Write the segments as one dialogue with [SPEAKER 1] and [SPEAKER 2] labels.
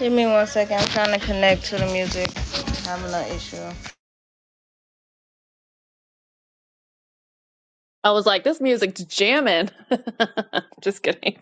[SPEAKER 1] Give me one second. I'm trying to connect to the music. I'm having an issue.
[SPEAKER 2] I was like, this music's jamming. Just kidding.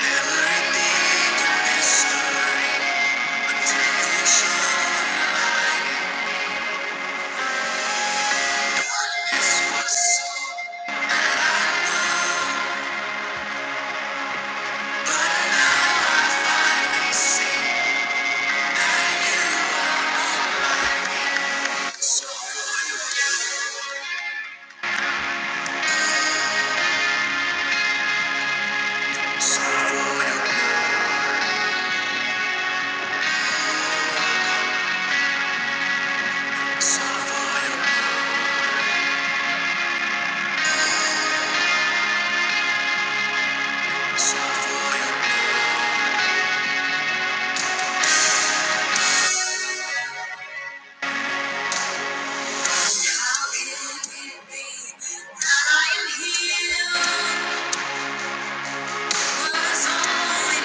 [SPEAKER 1] I that I am Healed was only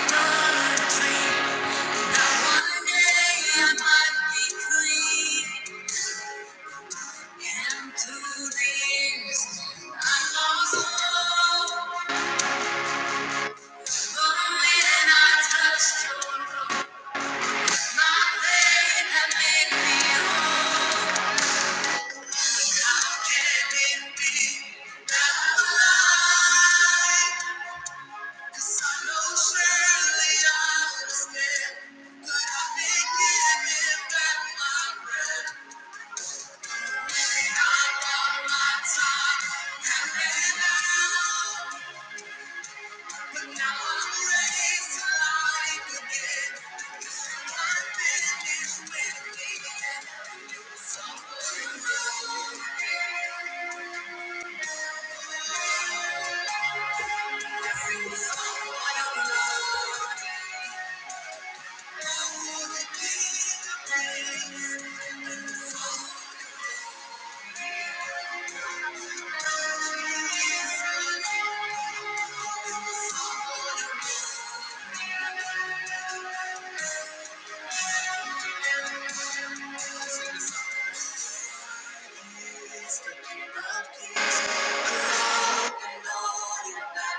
[SPEAKER 1] but a dream. Surely I was dead, but I've been given back my breath.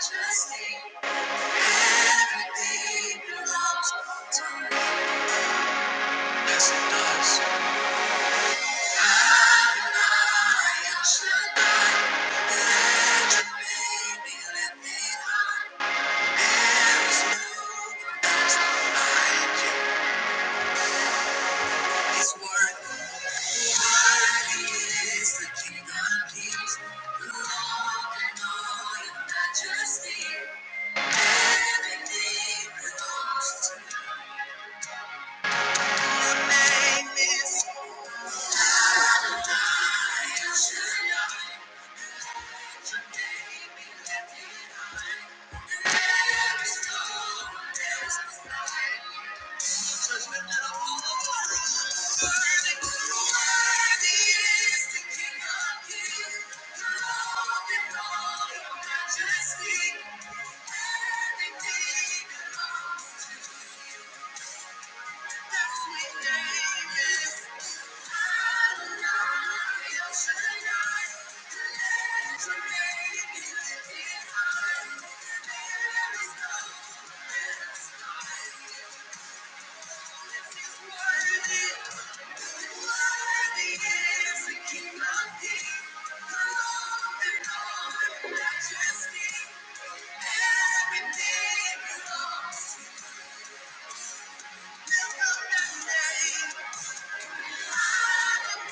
[SPEAKER 1] Just everything belongs to me. Yes, it does. Your name is Adonai. Just speak, everything belongs to Everything belongs to you. Lift up that name.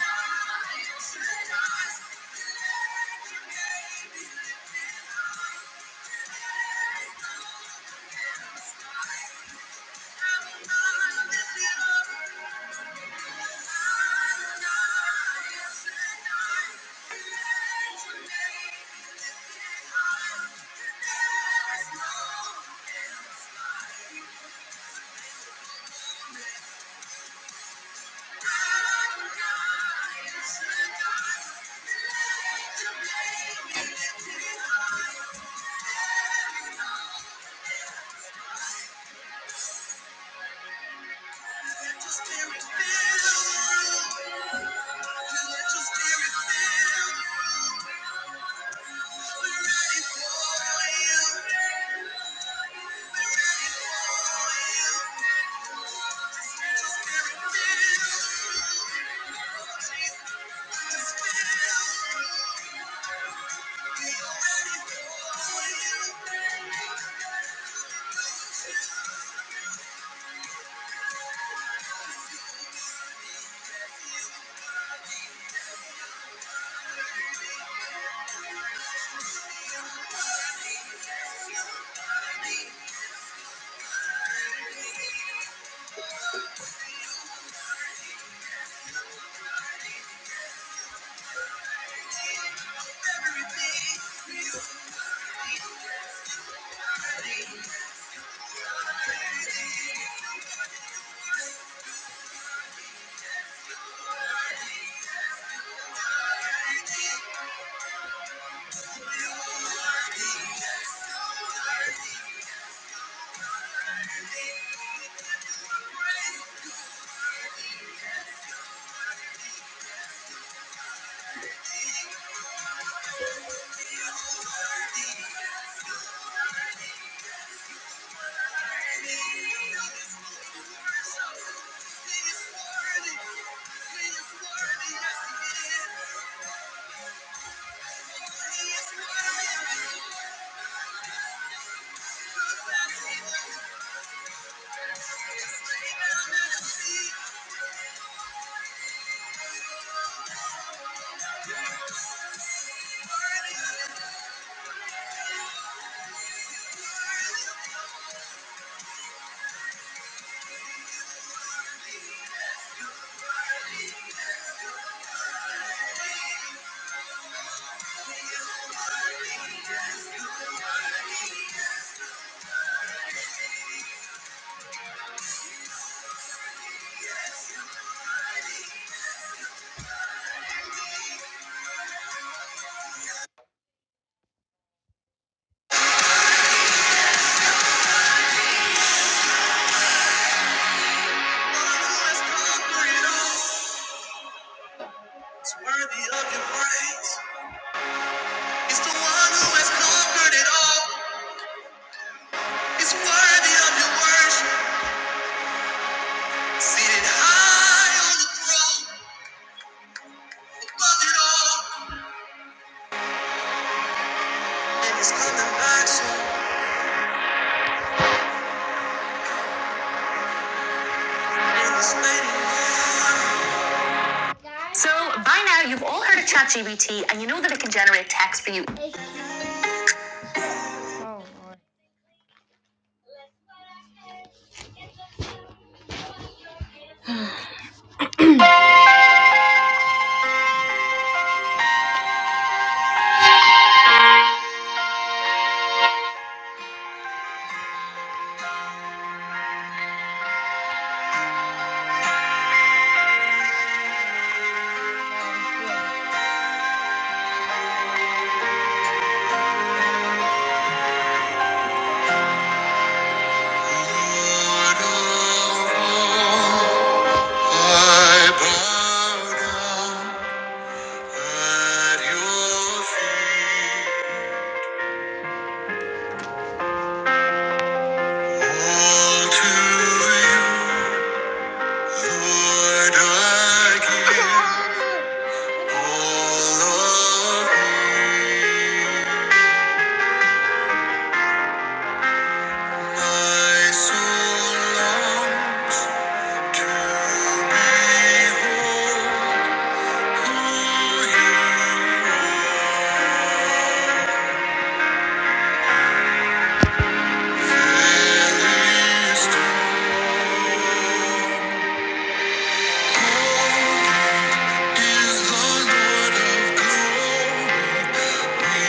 [SPEAKER 1] Just hear it feel, just hear it feel, ready for this feel, just lay down and see, one who has conquered all. It's worthy of your praise. So by now you've all heard of ChatGPT and you know that it can generate text for you. Oh oh, All to you, Lord, I give. All of me. My soul long to behold who you are. There is is the Lord of glory. Thank you.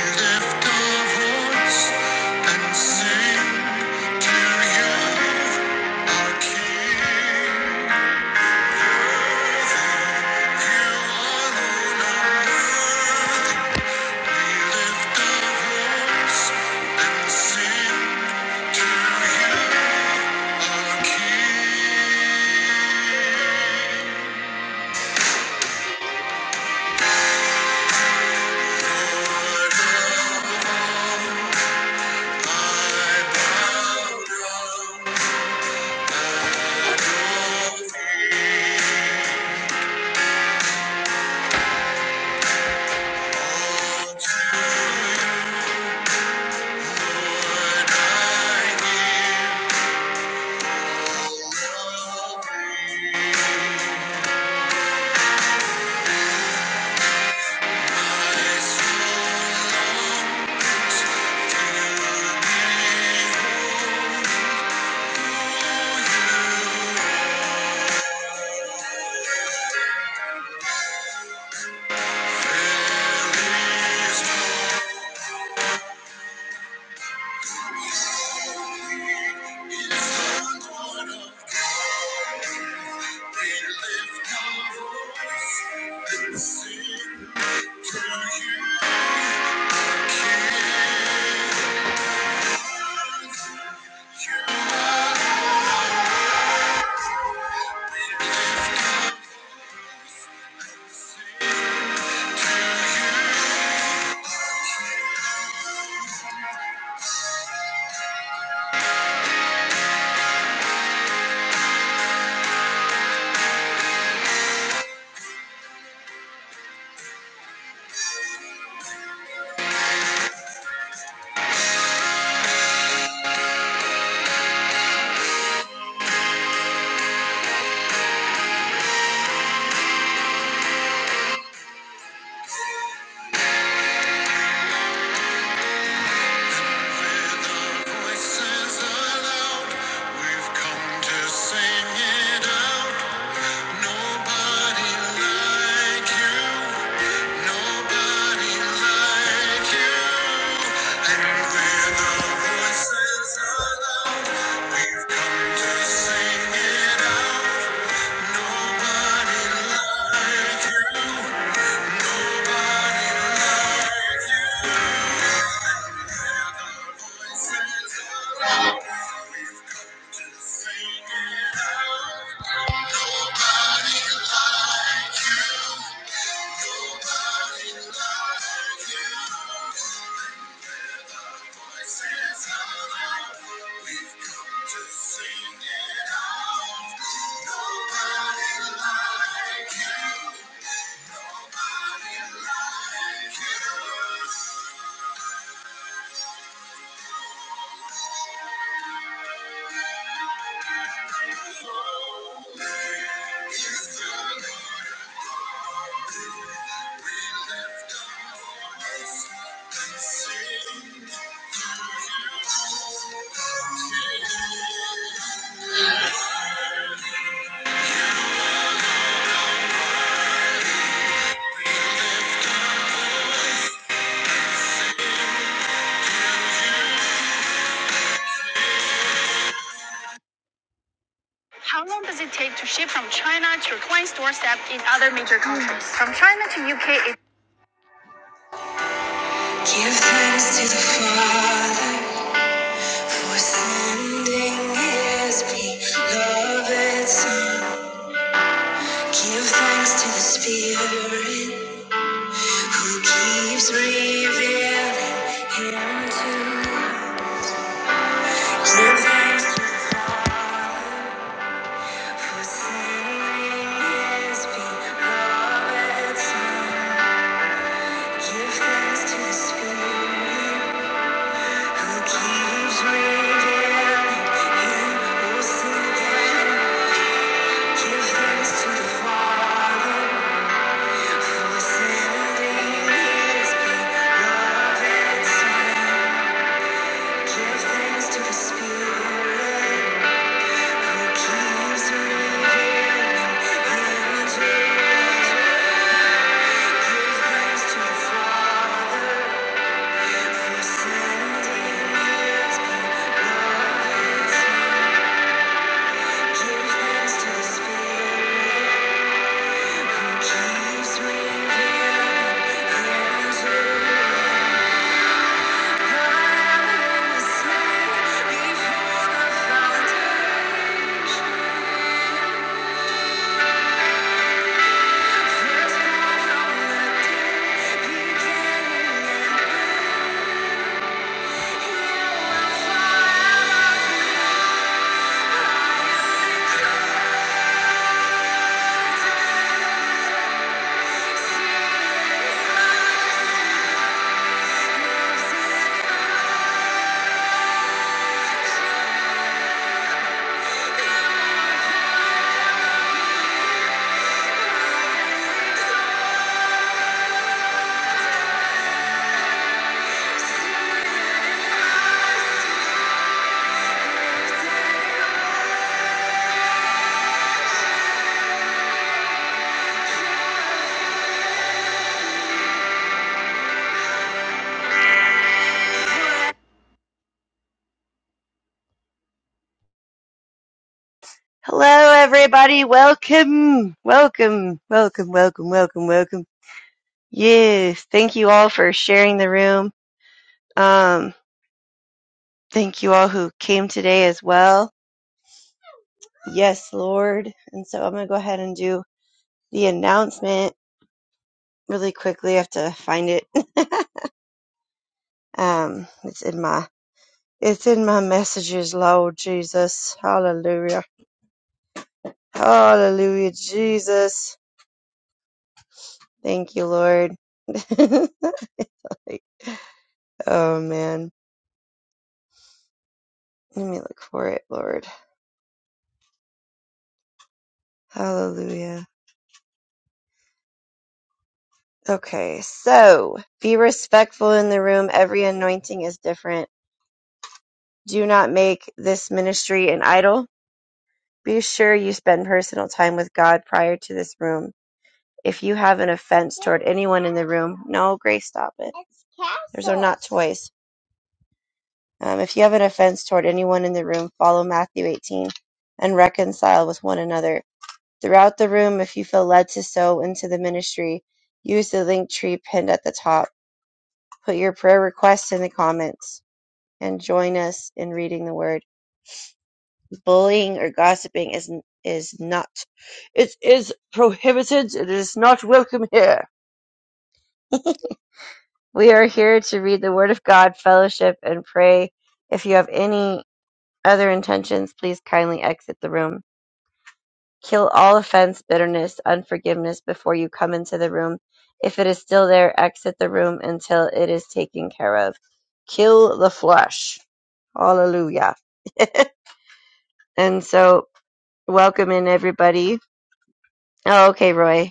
[SPEAKER 1] Voices aloud, we've come to sing it out. Nobody like you. Nobody like you. And with our voices aloud, we've come to sing it out. Nobody like you. Nobody like you. we we lift our voice and sing. How long does it take to ship from China to your client's doorstep in other major countries? Mm. From China to UK, it Give thanks to the Father for sending his beloved Son. Give thanks to the Spirit who keeps revealing him to us. For sending his beloved Son. Give thanks to the Spirit. Give thanks to the Spirit. Thank you.
[SPEAKER 3] Hello, everybody. Welcome. Welcome. Welcome. Welcome. Welcome. Welcome. Yes. Thank you all for sharing the room. Um, thank you all who came today as well. Yes, Lord. And so I'm going to go ahead and do the announcement really quickly. I have to find it. um, it's in my, it's in my messages, Lord Jesus. Hallelujah. Hallelujah, Jesus. Thank you, Lord. oh man. Let me look for it, Lord. Hallelujah. Okay, so be respectful in the room. Every anointing is different. Do not make this ministry an idol. Be sure you spend personal time with God prior to this room. If you have an offense toward anyone in the room, no, Grace, stop it. There's are not toys. Um, if you have an offense toward anyone in the room, follow Matthew 18 and reconcile with one another Throughout the room, if you feel led to sow into the ministry, use the link tree pinned at the top. Put your prayer requests in the comments and join us in reading the word. Bullying or gossiping is is not. It is prohibited. It is not welcome here. We are here to read the Word of God, fellowship, and pray. If you have any other intentions, please kindly exit the room. Kill all offense, bitterness, unforgiveness before you come into the room. If it is still there, exit the room until it is taken care of. Kill the flesh. Hallelujah. and so, welcome in everybody. Oh, okay, Roy.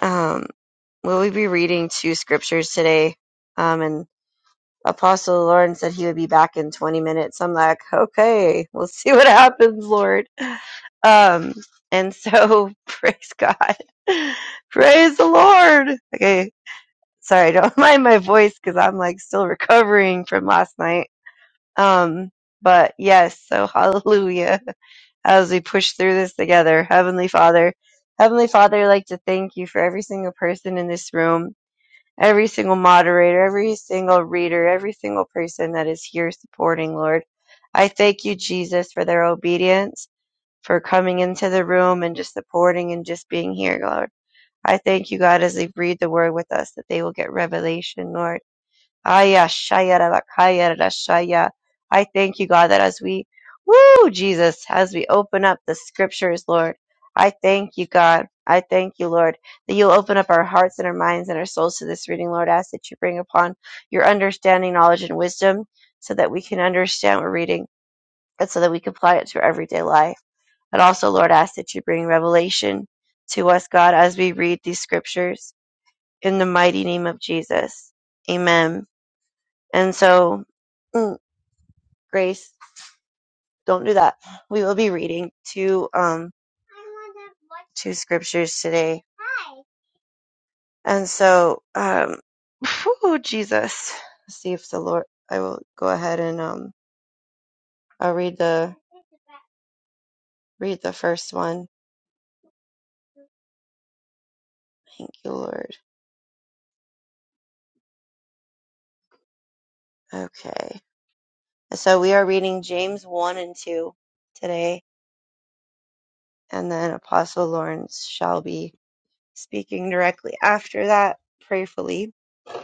[SPEAKER 3] Um, will we be reading two scriptures today? Um, and Apostle Lauren said he would be back in 20 minutes. I'm like, okay, we'll see what happens, Lord. Um, and so praise God. Praise the Lord. Okay. Sorry, don't mind my voice because I'm like still recovering from last night. Um, but yes, so hallelujah as we push through this together. Heavenly Father, Heavenly Father, I'd like to thank you for every single person in this room every single moderator, every single reader, every single person that is here supporting, Lord. I thank you, Jesus, for their obedience, for coming into the room and just supporting and just being here, Lord. I thank you, God, as they read the word with us, that they will get revelation, Lord Aya shaya rabakaya rashaya. I thank you, God, that as we, woo, Jesus, as we open up the scriptures, Lord, I thank you, God. I thank you, Lord, that you'll open up our hearts and our minds and our souls to this reading, Lord. I ask that you bring upon your understanding, knowledge, and wisdom so that we can understand what we're reading and so that we can apply it to our everyday life. And also, Lord, I ask that you bring revelation to us, God, as we read these scriptures in the mighty name of Jesus. Amen. And so, mm, Grace, don't do that. We will be reading two um two scriptures today. And so, um, whew, Jesus, Let's see if the Lord. I will go ahead and um, I'll read the read the first one. Thank you, Lord. Okay. So we are reading James one and two today, and then Apostle Lawrence shall be speaking directly after that, prayerfully.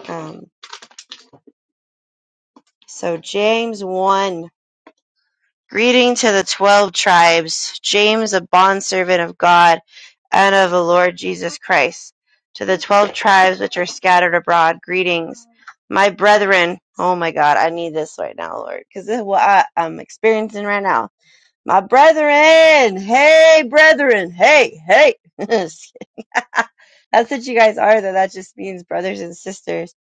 [SPEAKER 3] Um, so James one. Greeting to the twelve tribes, James, a bondservant of God and of the Lord Jesus Christ, to the twelve tribes which are scattered abroad, greetings. My brethren, oh my God, I need this right now, Lord, because this is what I, I'm experiencing right now. My brethren, hey, brethren, hey, hey. Just kidding. That's what you guys are, though. That just means brothers and sisters.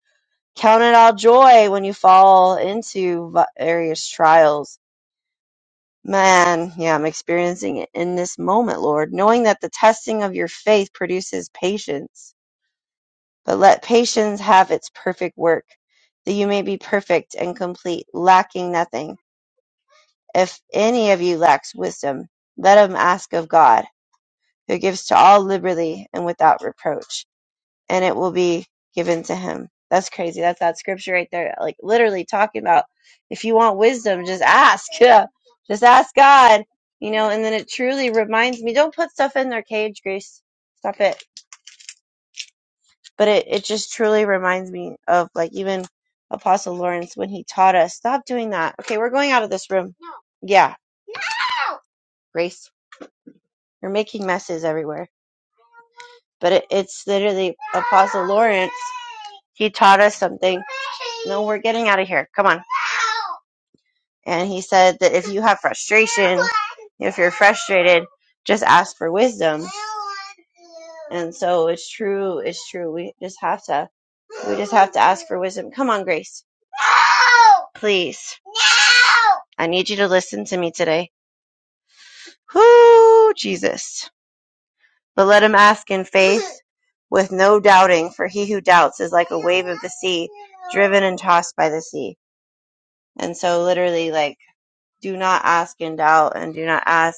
[SPEAKER 3] Count it all joy when you fall into various trials Man, yeah, I'm experiencing it in this moment, Lord, knowing that the testing of your faith produces patience. But let patience have its perfect work, that you may be perfect and complete, lacking nothing. If any of you lacks wisdom, let him ask of God, who gives to all liberally and without reproach and it will be given to him. That's crazy. That's that scripture right there. Like literally talking about if you want wisdom, just ask. Yeah. Just ask God. You know, and then it truly reminds me don't put stuff in their cage, Grace. Stop it. But it, it just truly reminds me of like even Apostle Lawrence when he taught us, stop doing that. Okay, we're going out of this room. Yeah, Grace. You're making messes everywhere. But it, it's literally Apostle Lawrence. He taught us something. No, we're getting out of here. Come on. And he said that if you have frustration, if you're frustrated, just ask for wisdom. And so it's true, it's true. We just have to we just have to ask for wisdom. Come on, Grace. Please. I need you to listen to me today. Whoo, Jesus. But let him ask in faith with no doubting, for he who doubts is like a wave of the sea, driven and tossed by the sea. And so literally like do not ask in doubt and do not ask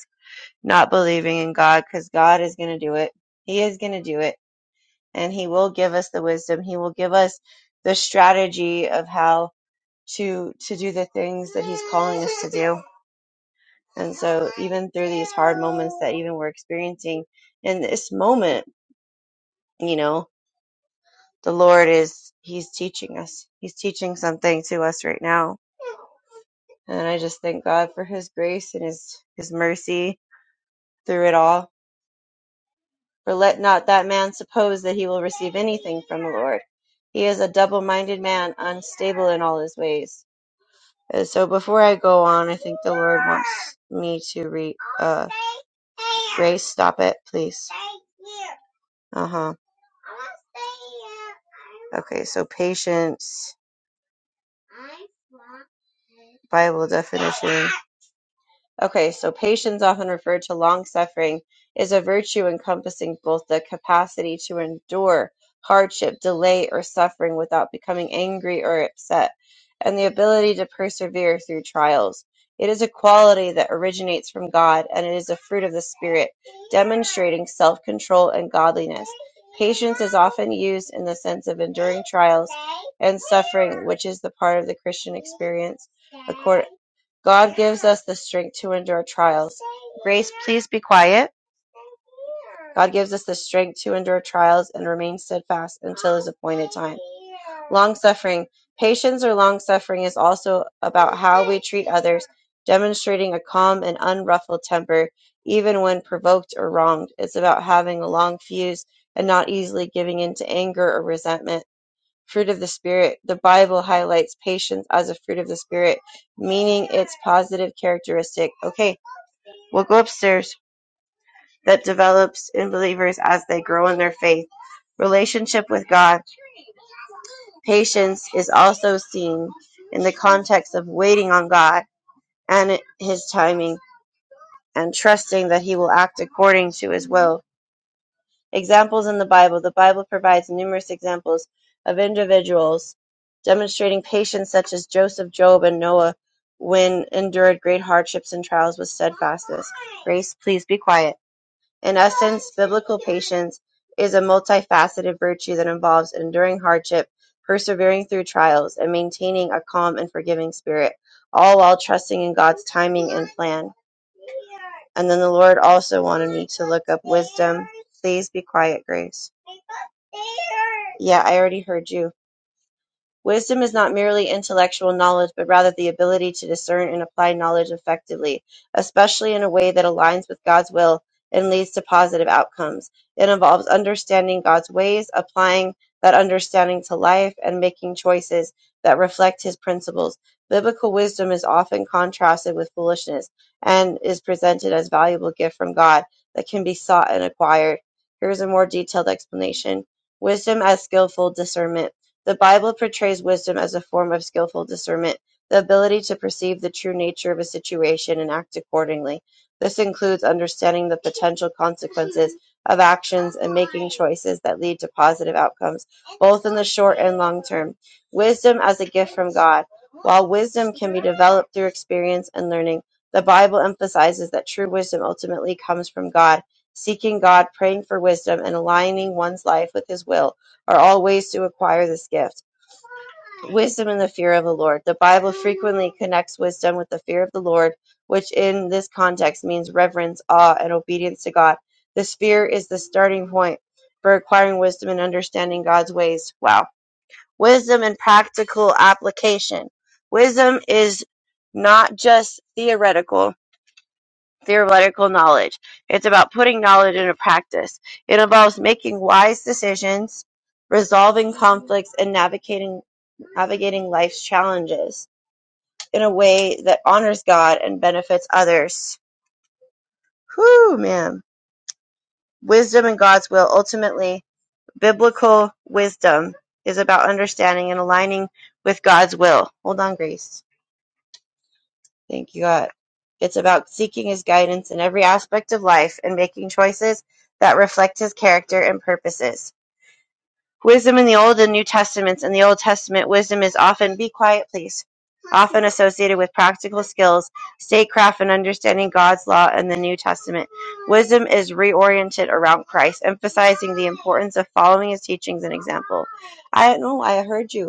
[SPEAKER 3] not believing in God because God is going to do it. He is going to do it. And He will give us the wisdom. He will give us the strategy of how to to do the things that He's calling us to do. And so even through these hard moments that even we're experiencing in this moment, you know, the Lord is He's teaching us. He's teaching something to us right now. And I just thank God for His grace and His His mercy through it all For let not that man suppose that he will receive anything from the Lord. He is a double minded man, unstable in all his ways. Uh, So before I go on, I think the Lord wants me to read. Uh, Grace, stop it, please. Uh huh. Okay, so patience, Bible definition. Okay, so patience, often referred to long suffering, is a virtue encompassing both the capacity to endure hardship, delay, or suffering without becoming angry or upset, and the ability to persevere through trials. It is a quality that originates from God, and it is a fruit of the Spirit, demonstrating self control and godliness. Patience is often used in the sense of enduring trials and suffering, which is the part of the Christian experience God gives us the strength to endure trials. Grace, please be quiet. God gives us the strength to endure trials and remain steadfast until his appointed time. Long suffering. Patience or long suffering is also about how we treat others, demonstrating a calm and unruffled temper, even when provoked or wronged. It's about having a long fuse and not easily giving in to anger or resentment fruit of the Spirit. The Bible highlights patience as a fruit of the Spirit, meaning its positive characteristic. Okay, we'll go upstairs. That develops in believers as they grow in their faith. Relationship with God. Patience is also seen in the context of waiting on God and His timing and trusting that He will act according to His will. Examples in the Bible The Bible provides numerous examples of individuals demonstrating patience, such as Joseph, Job, and Noah, when endured great hardships and trials with steadfastness. Grace, please be quiet. In essence, biblical patience is a multifaceted virtue that involves enduring hardship, persevering through trials, and maintaining a calm and forgiving spirit, all while trusting in God's timing and plan. And then the Lord also wanted me to look up wisdom. Please be quiet, Grace. Yeah, I already heard you. Wisdom is not merely intellectual knowledge, but rather the ability to discern and apply knowledge effectively, especially in a way that aligns with God's will and leads to positive outcomes. It involves understanding God's ways, applying that understanding to life, and making choices that reflect his principles. Biblical wisdom is often contrasted with foolishness and is presented as a valuable gift from God that can be sought and acquired. Here's a more detailed explanation. Wisdom as skillful discernment. The Bible portrays wisdom as a form of skillful discernment, the ability to perceive the true nature of a situation and act accordingly. This includes understanding the potential consequences of actions and making choices that lead to positive outcomes, both in the short and long term. Wisdom as a gift from God. While wisdom can be developed through experience and learning, the Bible emphasizes that true wisdom ultimately comes from God. Seeking God, praying for wisdom, and aligning one's life with His will are all ways to acquire this gift. Wisdom and the fear of the Lord. The Bible frequently connects wisdom with the fear of the Lord, which in this context means reverence, awe, and obedience to God. This fear is the starting point for acquiring wisdom and understanding God's ways. Wow. Wisdom and practical application. Wisdom is not just theoretical, theoretical knowledge. It's about putting knowledge into practice. It involves making wise decisions, resolving conflicts, and navigating navigating life's challenges in a way that honors God and benefits others. Whew, man. Wisdom and God's will. Ultimately, biblical wisdom is about understanding and aligning with God's will. Hold on, Grace. Thank you, God. It's about seeking His guidance in every aspect of life and making choices that reflect His character and purposes. Wisdom in the Old and New Testaments. In the Old Testament, wisdom is often, be quiet, please, often associated with practical skills, statecraft, and understanding God's law in the New Testament. Wisdom is reoriented around Christ, emphasizing the importance of following His teachings and example. I don't know, I heard you.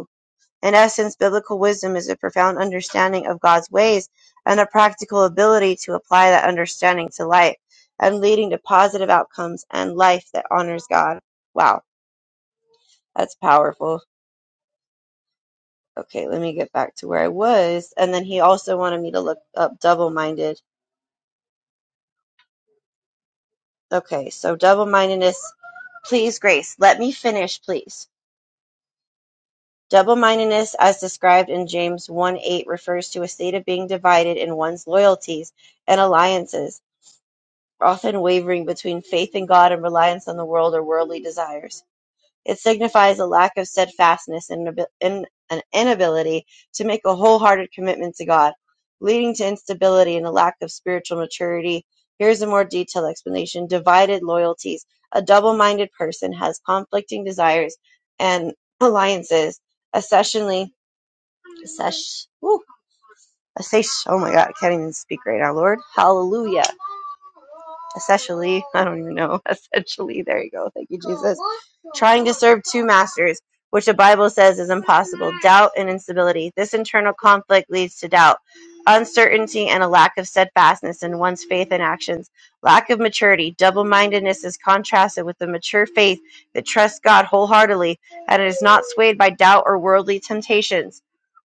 [SPEAKER 3] In essence, biblical wisdom is a profound understanding of God's ways and a practical ability to apply that understanding to life and leading to positive outcomes and life that honors God. Wow, that's powerful. Okay, let me get back to where I was. And then he also wanted me to look up double minded. Okay, so double mindedness. Please, Grace, let me finish, please. Double mindedness, as described in James 1 8, refers to a state of being divided in one's loyalties and alliances often wavering between faith in God and reliance on the world or worldly desires. It signifies a lack of steadfastness and an inability to make a wholehearted commitment to God, leading to instability and a lack of spiritual maturity. Here's a more detailed explanation divided loyalties. A double minded person has conflicting desires and alliances, especially sesh, woo, a station. Oh my God, I can't even speak right now, Lord. Hallelujah. Essentially, I don't even know. Essentially, there you go. Thank you, Jesus. Trying to serve two masters, which the Bible says is impossible. Doubt and instability. This internal conflict leads to doubt, uncertainty, and a lack of steadfastness in one's faith and actions. Lack of maturity. Double mindedness is contrasted with the mature faith that trusts God wholeheartedly and is not swayed by doubt or worldly temptations.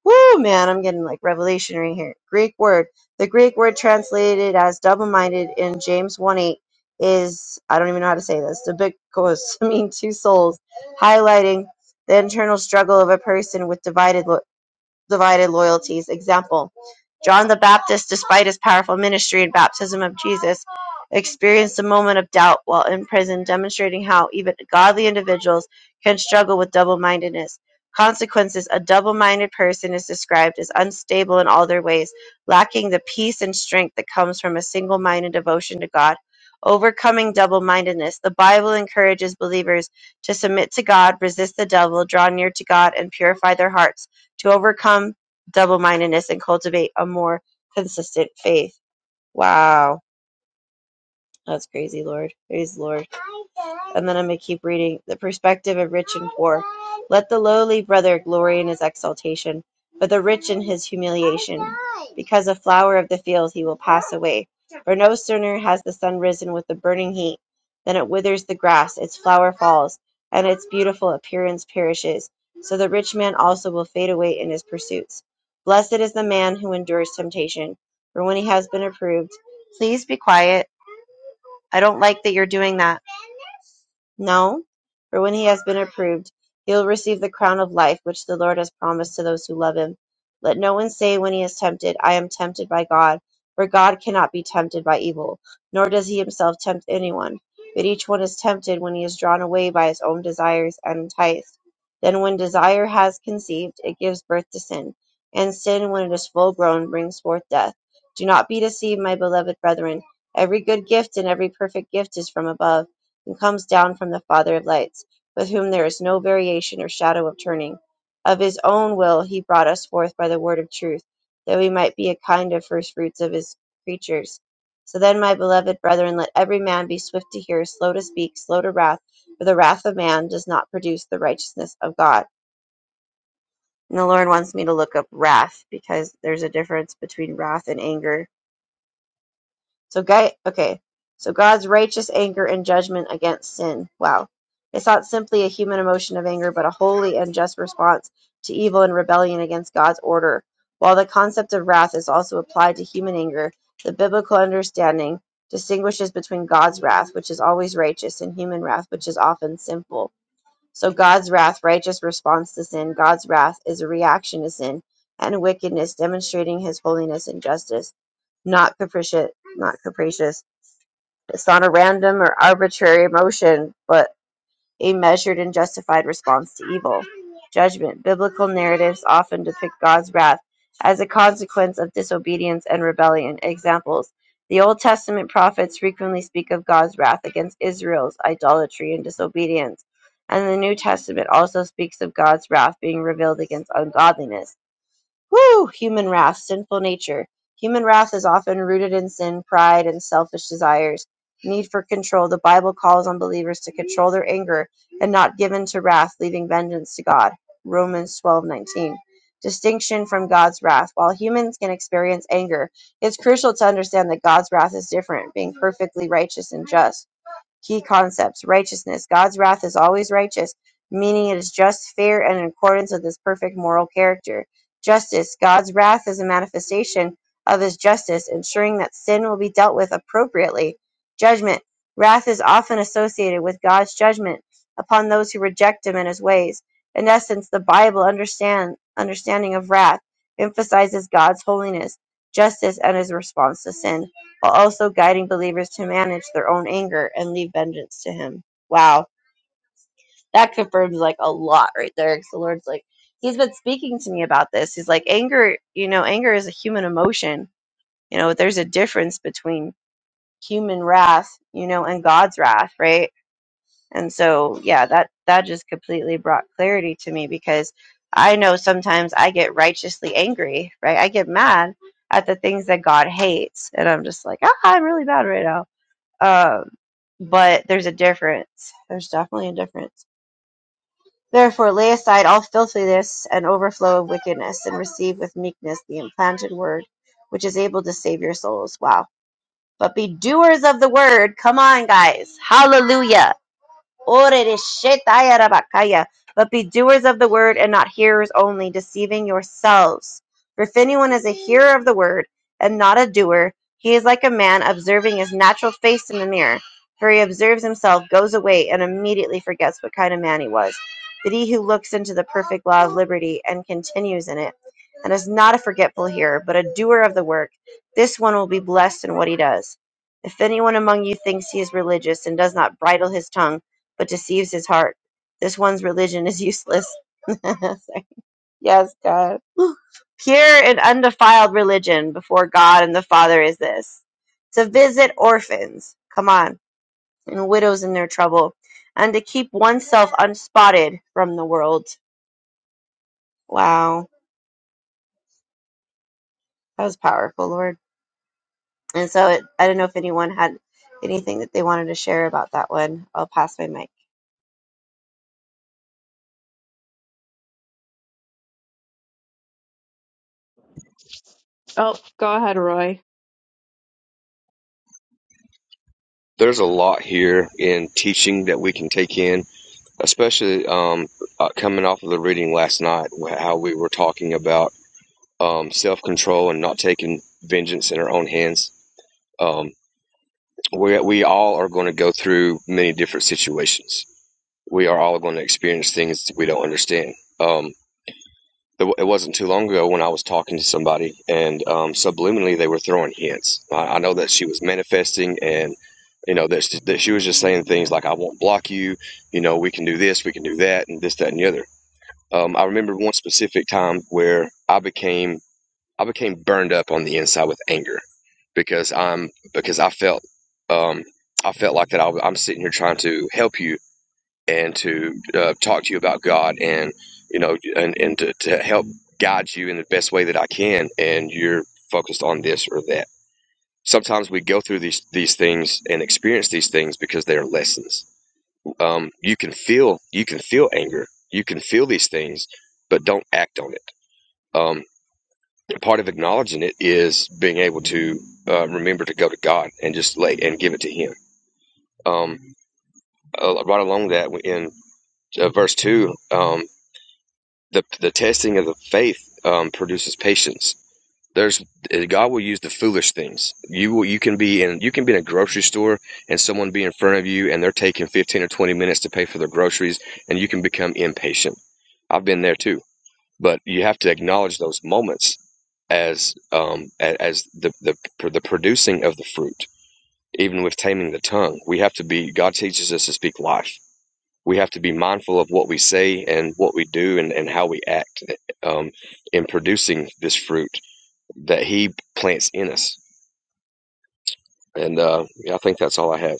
[SPEAKER 3] Woo, man, I'm getting like revelation right here. Greek word. The Greek word translated as double minded in James 1 8 is, I don't even know how to say this, the big mean two souls, highlighting the internal struggle of a person with divided lo- divided loyalties. Example John the Baptist, despite his powerful ministry and baptism of Jesus, experienced a moment of doubt while in prison, demonstrating how even godly individuals can struggle with double mindedness. Consequences A double minded person is described as unstable in all their ways, lacking the peace and strength that comes from a single minded devotion to God. Overcoming double mindedness. The Bible encourages believers to submit to God, resist the devil, draw near to God, and purify their hearts to overcome double mindedness and cultivate a more consistent faith. Wow. That's crazy, Lord. Praise the Lord. And then I'm going to keep reading. The perspective of rich and poor. Let the lowly brother glory in his exaltation, but the rich in his humiliation. Because a flower of the field he will pass away. For no sooner has the sun risen with a burning heat than it withers the grass, its flower falls, and its beautiful appearance perishes. So the rich man also will fade away in his pursuits. Blessed is the man who endures temptation, for when he has been approved, please be quiet. I don't like that you're doing that. No, for when he has been approved, he will receive the crown of life which the Lord has promised to those who love him. Let no one say when he is tempted, I am tempted by God, for God cannot be tempted by evil, nor does he himself tempt anyone. But each one is tempted when he is drawn away by his own desires and enticed. Then when desire has conceived, it gives birth to sin, and sin, when it is full grown, brings forth death. Do not be deceived, my beloved brethren. Every good gift and every perfect gift is from above and comes down from the Father of lights, with whom there is no variation or shadow of turning. Of his own will he brought us forth by the word of truth, that we might be a kind of first fruits of his creatures. So then, my beloved brethren, let every man be swift to hear, slow to speak, slow to wrath, for the wrath of man does not produce the righteousness of God. And the Lord wants me to look up wrath because there's a difference between wrath and anger so God, okay. So God's righteous anger and judgment against sin. Wow. It's not simply a human emotion of anger, but a holy and just response to evil and rebellion against God's order. While the concept of wrath is also applied to human anger, the biblical understanding distinguishes between God's wrath, which is always righteous, and human wrath, which is often sinful. So God's wrath, righteous response to sin, God's wrath is a reaction to sin and wickedness, demonstrating his holiness and justice, not capricious, not capricious. It's not a random or arbitrary emotion, but a measured and justified response to evil. Judgment. Biblical narratives often depict God's wrath as a consequence of disobedience and rebellion. Examples. The Old Testament prophets frequently speak of God's wrath against Israel's idolatry and disobedience, and the New Testament also speaks of God's wrath being revealed against ungodliness. Whew! Human wrath, sinful nature. Human wrath is often rooted in sin, pride, and selfish desires. Need for control. The Bible calls on believers to control their anger and not give in to wrath, leaving vengeance to God. Romans twelve nineteen. Distinction from God's wrath. While humans can experience anger, it's crucial to understand that God's wrath is different, being perfectly righteous and just. Key concepts righteousness. God's wrath is always righteous, meaning it is just, fair, and in accordance with his perfect moral character. Justice. God's wrath is a manifestation of his justice, ensuring that sin will be dealt with appropriately. Judgment. Wrath is often associated with God's judgment upon those who reject him and his ways. In essence, the Bible understand, understanding of wrath emphasizes God's holiness, justice, and his response to sin while also guiding believers to manage their own anger and leave vengeance to him. Wow. That confirms like a lot right there. 'cause the Lord's like, He's been speaking to me about this. He's like, anger, you know, anger is a human emotion. You know, there's a difference between human wrath, you know, and God's wrath, right? And so, yeah, that that just completely brought clarity to me because I know sometimes I get righteously angry, right? I get mad at the things that God hates, and I'm just like, ah, I'm really bad right now um, but there's a difference. There's definitely a difference. Therefore, lay aside all filthiness and overflow of wickedness, and receive with meekness the implanted word, which is able to save your souls. Wow. But be doers of the word. Come on, guys. Hallelujah but be doers of the word and not hearers only, deceiving yourselves. For if anyone is a hearer of the word and not a doer, he is like a man observing his natural face in the mirror. For he observes himself, goes away, and immediately forgets what kind of man he was. But he who looks into the perfect law of liberty and continues in it, and is not a forgetful hearer, but a doer of the work, this one will be blessed in what he does. If anyone among you thinks he is religious and does not bridle his tongue, but deceives his heart. This one's religion is useless. yes, God. Pure and undefiled religion before God and the Father is this to visit orphans, come on, and widows in their trouble, and to keep oneself unspotted from the world. Wow. That was powerful, Lord. And so it, I don't know if anyone had anything that they wanted to share about that one. I'll pass my mic.
[SPEAKER 2] Oh, go ahead, Roy.
[SPEAKER 4] there's a lot here in teaching that we can take in, especially um, uh, coming off of the reading last night, how we were talking about um, self control and not taking vengeance in our own hands. Um, we, we all are going to go through many different situations. We are all going to experience things we don't understand. Um, it, it wasn't too long ago when I was talking to somebody, and um, subliminally they were throwing hints. I, I know that she was manifesting, and you know that she, that she was just saying things like, "I won't block you," you know, "We can do this, we can do that," and this, that, and the other. Um, I remember one specific time where I became I became burned up on the inside with anger because I'm because I felt um, I felt like that I, am sitting here trying to help you and to uh, talk to you about God and you know and, and to, to help guide you in the best way that I can and you're focused on this or that. Sometimes we go through these these things and experience these things because they are lessons. Um, you can feel you can feel anger. You can feel these things, but don't act on it. Um, part of acknowledging it is being able to uh, remember to go to God and just lay and give it to Him. Um, uh, right along that in uh, verse two, um, the the testing of the faith um, produces patience. There's God will use the foolish things. You will you can be in you can be in a grocery store and someone be in front of you and they're taking fifteen or twenty minutes to pay for their groceries and you can become impatient. I've been there too, but you have to acknowledge those moments as um as the the the producing of the fruit. Even with taming the tongue, we have to be. God teaches us to speak life we have to be mindful of what we say and what we do and, and how we act um, in producing this fruit that he plants in us. And uh, yeah, I think that's all I have.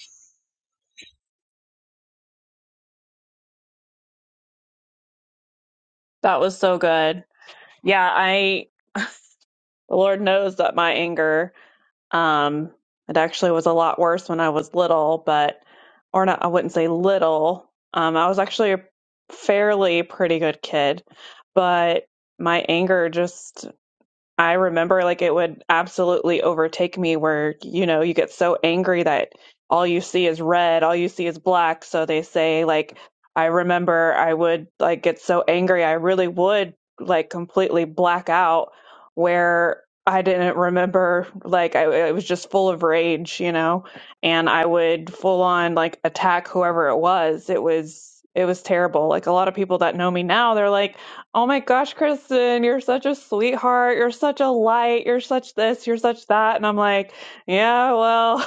[SPEAKER 2] That was so good. Yeah, I the Lord knows that my anger um it actually was a lot worse when I was little, but or not I wouldn't say little. Um I was actually a fairly pretty good kid, but my anger just I remember like it would absolutely overtake me where, you know, you get so angry that all you see is red, all you see is black. So they say, like, I remember I would like get so angry, I really would like completely black out where I didn't remember, like, I, I was just full of rage, you know, and I would full on like attack whoever it was. It was, it was terrible. Like, a lot of people that know me now, they're like, Oh my gosh, Kristen, you're such a sweetheart. You're such a light. You're such this. You're such that. And I'm like, yeah, well,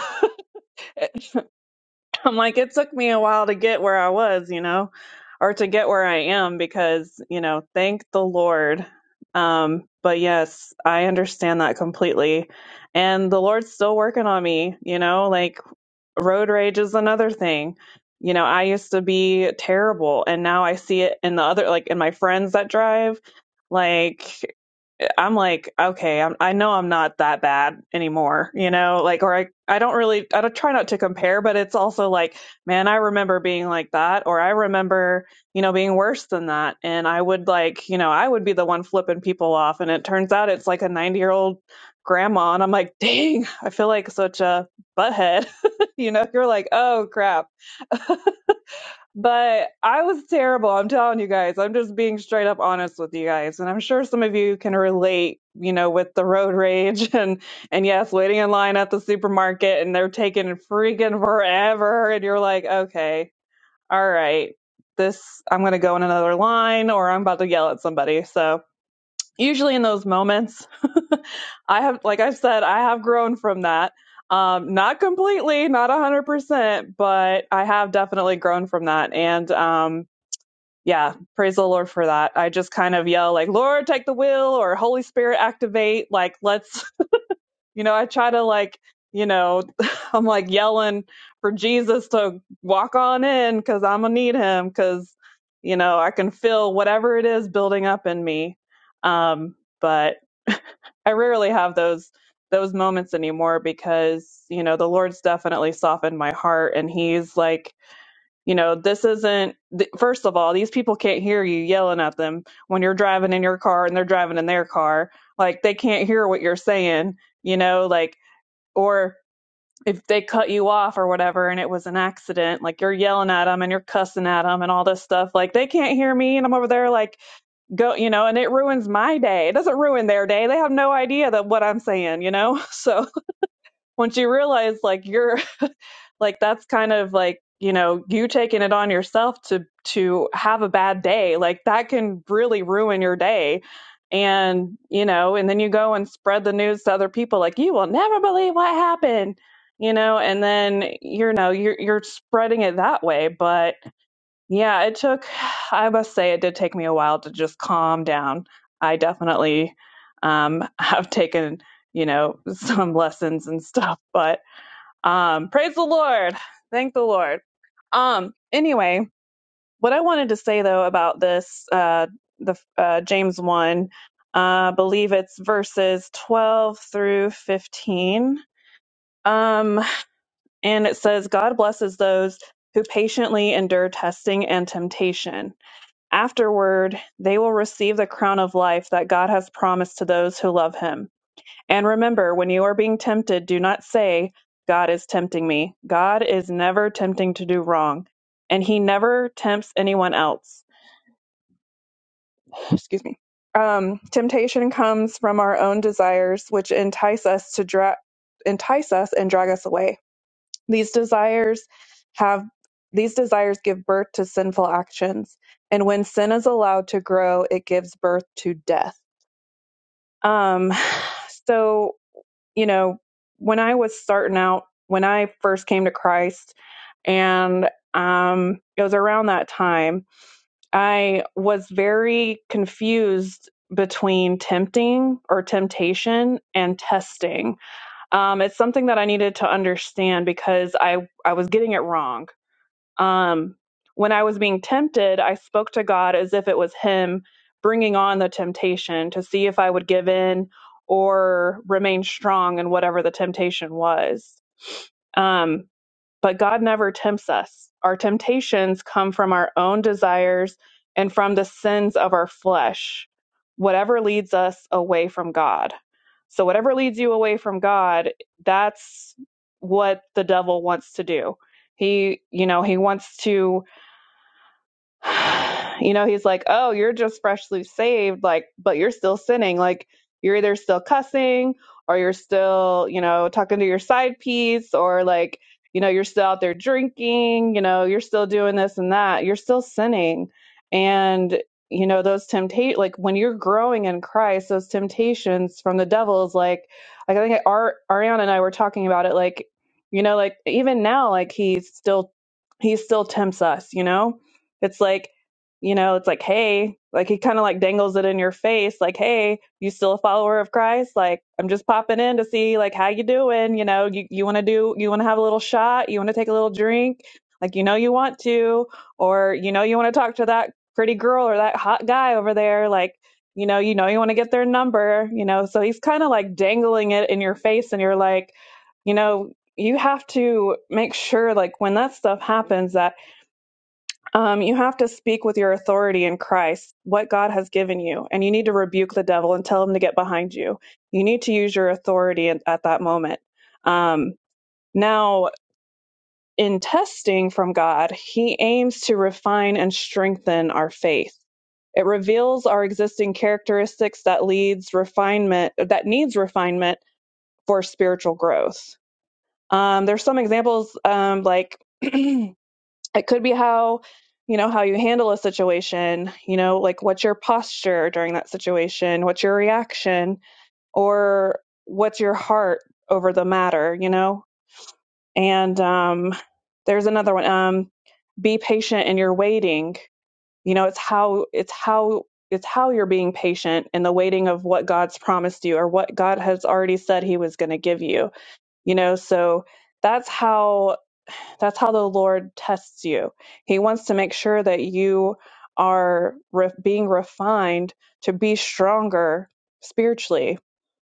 [SPEAKER 2] I'm like, it took me a while to get where I was, you know, or to get where I am because, you know, thank the Lord. Um, but yes, I understand that completely. And the Lord's still working on me, you know, like road rage is another thing. You know, I used to be terrible and now I see it in the other, like in my friends that drive like I'm like, okay, I'm, I know I'm not that bad anymore, you know, like, or I, I don't really, I don't try not to compare, but it's also like, man, I remember being like that, or I remember, you know, being worse than that. And I would like, you know, I would be the one flipping people off. And it turns out it's like a 90 year old grandma. And I'm like, dang, I feel like such a butthead, you know, you're like, oh crap but I was terrible. I'm telling you guys. I'm just being straight up honest with you guys. And I'm sure some of you can relate, you know, with the road rage and and yes, waiting in line at the supermarket and they're taking freaking forever and you're like, "Okay, all right. This I'm going to go in another line or I'm about to yell at somebody." So, usually in those moments, I have like i said, I have grown from that. Um, not completely, not 100%, but I have definitely grown from that. And um yeah, praise the Lord for that. I just kind of yell like, Lord, take the wheel or Holy Spirit activate. Like, let's, you know, I try to like, you know, I'm like yelling for Jesus to walk on in cause I'm gonna need him cause, you know, I can feel whatever it is building up in me. Um, but I rarely have those those moments anymore because, you know, the Lord's definitely softened my heart and he's like you know, this isn't, th- first of all, these people can't hear you yelling at them when you're driving in your car and they're driving in their car. Like, they can't hear what you're saying, you know, like, or if they cut you off or whatever and it was an accident, like you're yelling at them and you're cussing at them and all this stuff, like, they can't hear me. And I'm over there, like, go, you know, and it ruins my day. It doesn't ruin their day. They have no idea that what I'm saying, you know? So once you realize, like, you're, like that's kind of like you know you taking it on yourself to to have a bad day like that can really ruin your day and you know and then you go and spread the news to other people like you will never believe what happened you know and then you know you're you're spreading it that way but yeah it took i must say it did take me a while to just calm down i definitely um have taken you know some lessons and stuff but um, praise the Lord. Thank the Lord. Um, anyway, what I wanted to say though about this, uh, the uh, James one, uh, I believe it's verses twelve through fifteen. Um, and it says, God blesses those who patiently endure testing and temptation. Afterward, they will receive the crown of life that God has promised to those who love Him. And remember, when you are being tempted, do not say, God is tempting me. God is never tempting to do wrong, and he never tempts anyone else. Excuse me. Um, temptation comes from our own desires, which entice us to dra- entice us and drag us away. These desires have these desires give birth to sinful actions, and when sin is allowed to grow, it gives birth to death. Um, so you know, when I was starting out, when I first came to Christ, and um, it was around that time, I was very confused between tempting or temptation and testing. Um, it's something that I needed to understand because I I was getting it wrong. Um, when I was being tempted, I spoke to God as if it was Him bringing on the temptation to see if I would give in or remain strong in whatever the temptation was. Um, but God never tempts us. Our temptations come from our own desires and from the sins of our flesh, whatever leads us away from God. So, whatever leads you away from God, that's what the devil wants to do. He, you know, he wants to you know, he's like, oh, you're just freshly saved, like, but you're still sinning. Like, you're either still cussing or you're still, you know, talking to your side piece or like, you know, you're still out there drinking, you know, you're still doing this and that. You're still sinning. And, you know, those temptation, like when you're growing in Christ, those temptations from the devil is like, like I think Ar- Ariana and I were talking about it, like, you know, like even now, like he's still, he still tempts us, you know? It's like, you know, it's like, hey, like he kind of like dangles it in your face, like, hey, you still a follower of Christ? Like, I'm just popping in to see like how you doing. You know, you you want to do, you want to have a little shot, you want to take a little drink, like you know you want to, or you know you want to talk to that pretty girl or that hot guy over there, like. You know, you know, you want to get their number, you know, so he's kind of like dangling it in your face, and you're like, you know, you have to make sure, like, when that stuff happens, that um, you have to speak with your authority in Christ, what God has given you, and you need to rebuke the devil and tell him to get behind you. You need to use your authority at, at that moment. Um, now, in testing from God, he aims to refine and strengthen our faith. It reveals our existing characteristics that leads refinement that needs refinement for spiritual growth. Um, there's some examples um, like it could be how you know how you handle a situation you know like what's your posture during that situation what's your reaction or what's your heart over the matter you know and um there's another one um be patient in your waiting you know it's how it's how it's how you're being patient in the waiting of what god's promised you or what god has already said he was going to give you you know so that's how that's how the Lord tests you. He wants to make sure that you are re- being refined to be stronger spiritually.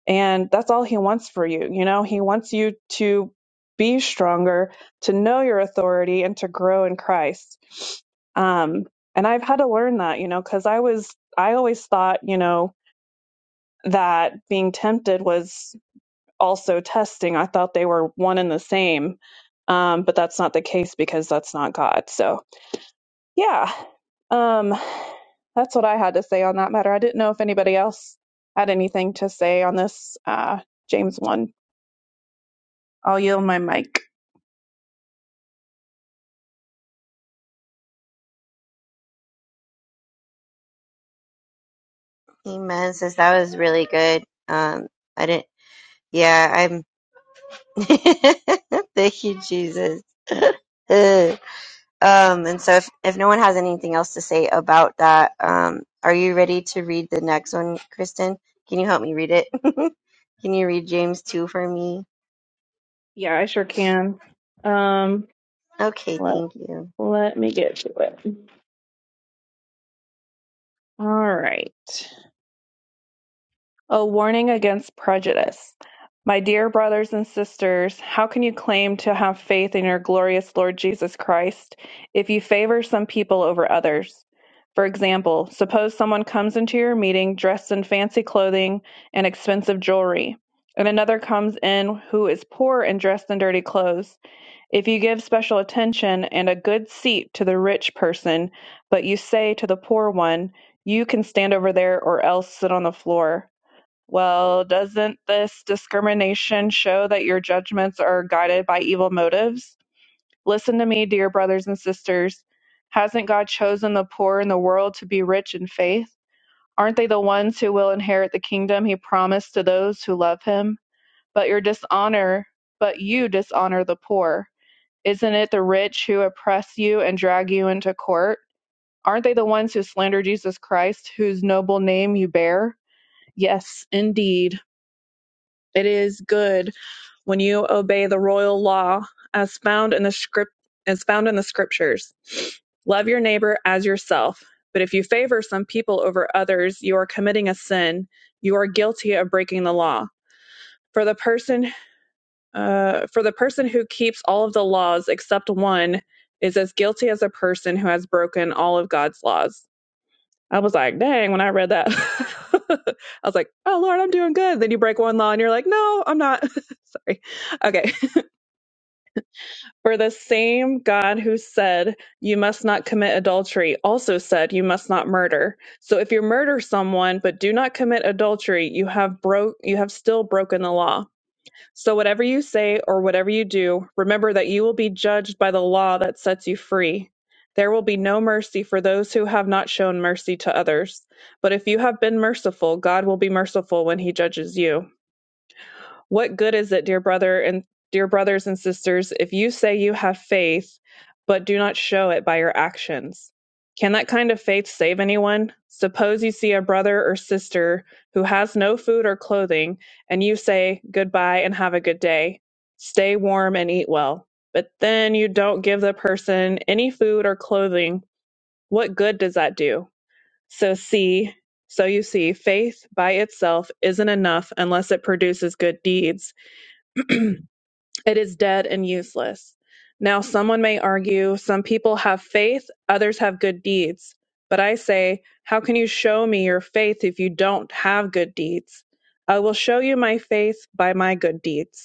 [SPEAKER 2] And that's all He wants for you. You know, He wants you to be stronger, to know your authority, and to grow in Christ. Um, and I've had to learn that, you know, because I was, I always thought, you know, that being tempted was also testing. I thought they were one and the same, um, but that's not the case because that's not God. So, yeah, um, that's what I had to say on that matter. I didn't know if anybody else had anything to say on this uh, James one. I'll yield my mic.
[SPEAKER 3] Amen. Says that was really good. Um, I didn't. Yeah, I'm. Thank you, Jesus. um, and so if, if no one has anything else to say about that, um, are you ready to read the next one, Kristen? Can you help me read it? Can you read James 2 for me?
[SPEAKER 2] Yeah, I sure can. Um,
[SPEAKER 3] Okay,
[SPEAKER 2] let
[SPEAKER 3] thank you.
[SPEAKER 2] let me get to it. All right. A warning against prejudice. My dear brothers and sisters, how can you claim to have faith in your glorious Lord Jesus Christ if you favor some people over others? For example, suppose someone comes into your meeting dressed in fancy clothing and expensive jewelry, and another comes in who is poor and dressed in dirty clothes. If you give special attention and a good seat to the rich person, but you say to the poor one, You can stand over there or else sit on the floor well, doesn't this discrimination show that your judgments are guided by evil motives? Listen to me, dear brothers and sisters. Hasn't God chosen the poor in the world to be rich in faith? Aren't they the ones who will inherit the kingdom he promised to those who love him? But your dishonor, but you dishonor the poor. Isn't it the rich who oppress you and drag you into court? Aren't they the ones who slander Jesus Christ, whose noble name you bear? Yes, indeed. It is good when you obey the royal law as found in the script as found in the scriptures. Love your neighbor as yourself. But if you favor some people over others, you are committing a sin. You are guilty of breaking the law. For the person uh, for the person who keeps all of the laws except one is as guilty as a person who has broken all of God's laws. I was like, dang, when I read that, I was like, oh, Lord, I'm doing good. Then you break one law and you're like, no, I'm not. Sorry. Okay. For the same God who said, you must not commit adultery, also said, you must not murder. So if you murder someone but do not commit adultery, you have broke, you have still broken the law. So, whatever you say or whatever you do, remember that you will be judged by the law that sets you free. There will be no mercy for those who have not shown mercy to others. But if you have been merciful, God will be merciful when he judges you. What good is it, dear brother and dear brothers and sisters, if you say you have faith but do not show it by your actions? Can that kind of faith save anyone? Suppose you see a brother or sister who has no food or clothing, and you say, Goodbye and have a good day. Stay warm and eat well. But then you don't give the person any food or clothing. What good does that do? So, see, so you see, faith by itself isn't enough unless it produces good deeds. It is dead and useless. Now, someone may argue, some people have faith, others have good deeds. But I say, how can you show me your faith if you don't have good deeds? I will show you my faith by my good deeds.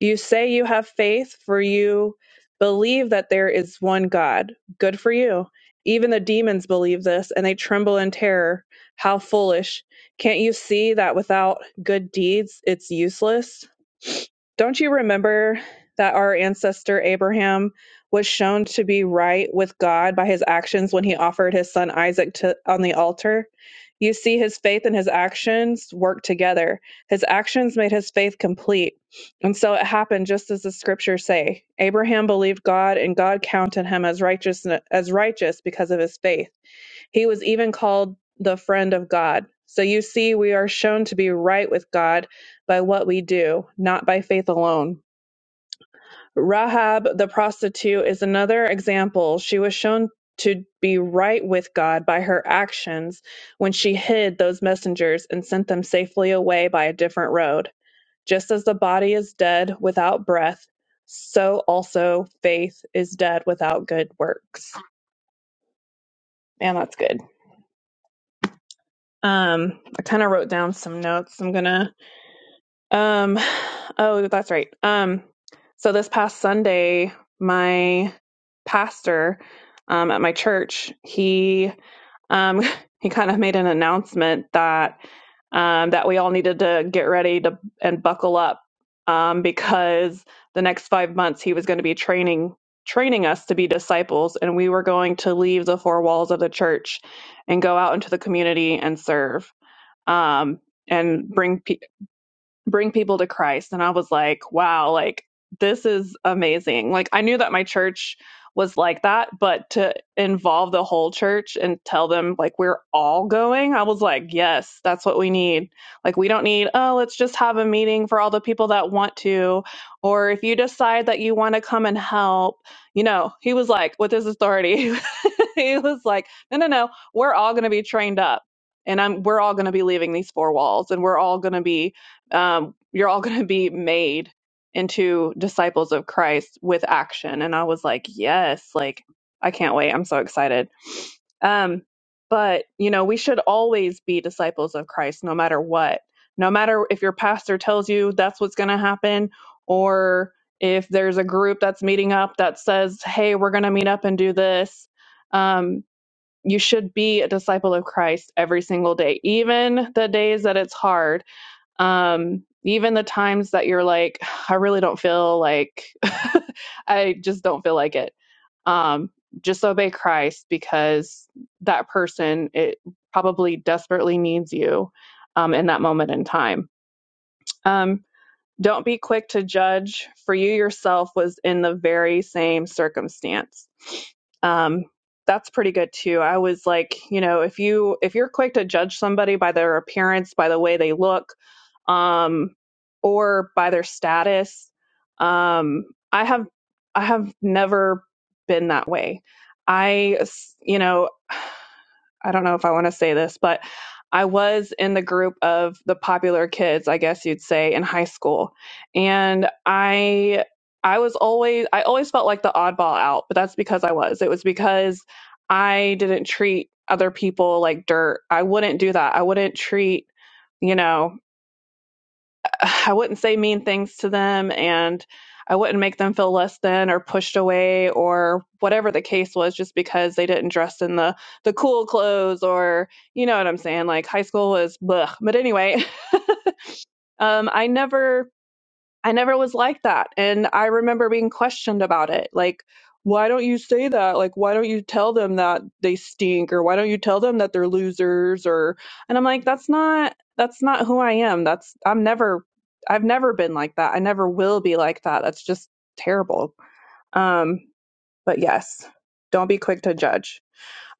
[SPEAKER 2] You say you have faith, for you believe that there is one God. Good for you. Even the demons believe this, and they tremble in terror. How foolish. Can't you see that without good deeds, it's useless? Don't you remember that our ancestor Abraham was shown to be right with God by his actions when he offered his son Isaac to, on the altar? You see, his faith and his actions work together. His actions made his faith complete and so it happened just as the scriptures say. Abraham believed God and God counted him as righteous as righteous because of his faith. He was even called the friend of God. So you see we are shown to be right with God by what we do, not by faith alone. Rahab the prostitute is another example. She was shown to be right with God by her actions when she hid those messengers and sent them safely away by a different road. Just as the body is dead without breath, so also faith is dead without good works. Man, that's good. Um, I kind of wrote down some notes. I'm gonna. Um, oh, that's right. Um, so this past Sunday, my pastor um, at my church, he um, he kind of made an announcement that um, that we all needed to get ready to and buckle up um, because the next five months he was going to be training training us to be disciples, and we were going to leave the four walls of the church and go out into the community and serve um, and bring bring people to Christ. And I was like, wow, like this is amazing. Like I knew that my church was like that, but to involve the whole church and tell them like we're all going, I was like, yes, that's what we need. Like we don't need, oh, let's just have a meeting for all the people that want to or if you decide that you want to come and help, you know, he was like with his authority, he was like, no, no, no, we're all going to be trained up and I'm we're all going to be leaving these four walls and we're all going to be um, you're all going to be made into disciples of Christ with action. And I was like, yes, like I can't wait. I'm so excited. Um, but you know, we should always be disciples of Christ, no matter what. No matter if your pastor tells you that's what's going to happen, or if there's a group that's meeting up that says, "Hey, we're going to meet up and do this." Um, you should be a disciple of Christ every single day, even the days that it's hard um even the times that you're like i really don't feel like i just don't feel like it um just obey christ because that person it probably desperately needs you um in that moment in time um don't be quick to judge, for you yourself was in the very same circumstance. Um, that's pretty good too. I was like, you know, if you if you're quick to judge somebody by their appearance, by the way they look, um, or by their status, um, I have I have never been that way. I, you know, I don't know if I want to say this, but I was in the group of the popular kids, I guess you'd say, in high school. And I I was always I always felt like the oddball out, but that's because I was. It was because I didn't treat other people like dirt. I wouldn't do that. I wouldn't treat, you know, I wouldn't say mean things to them and I wouldn't make them feel less than or pushed away or whatever the case was just because they didn't dress in the the cool clothes or you know what I'm saying like high school was blech. but anyway um I never I never was like that. And I remember being questioned about it. Like, why don't you say that? Like, why don't you tell them that they stink or why don't you tell them that they're losers or and I'm like, that's not that's not who I am. That's I'm never I've never been like that. I never will be like that. That's just terrible. Um, but yes, don't be quick to judge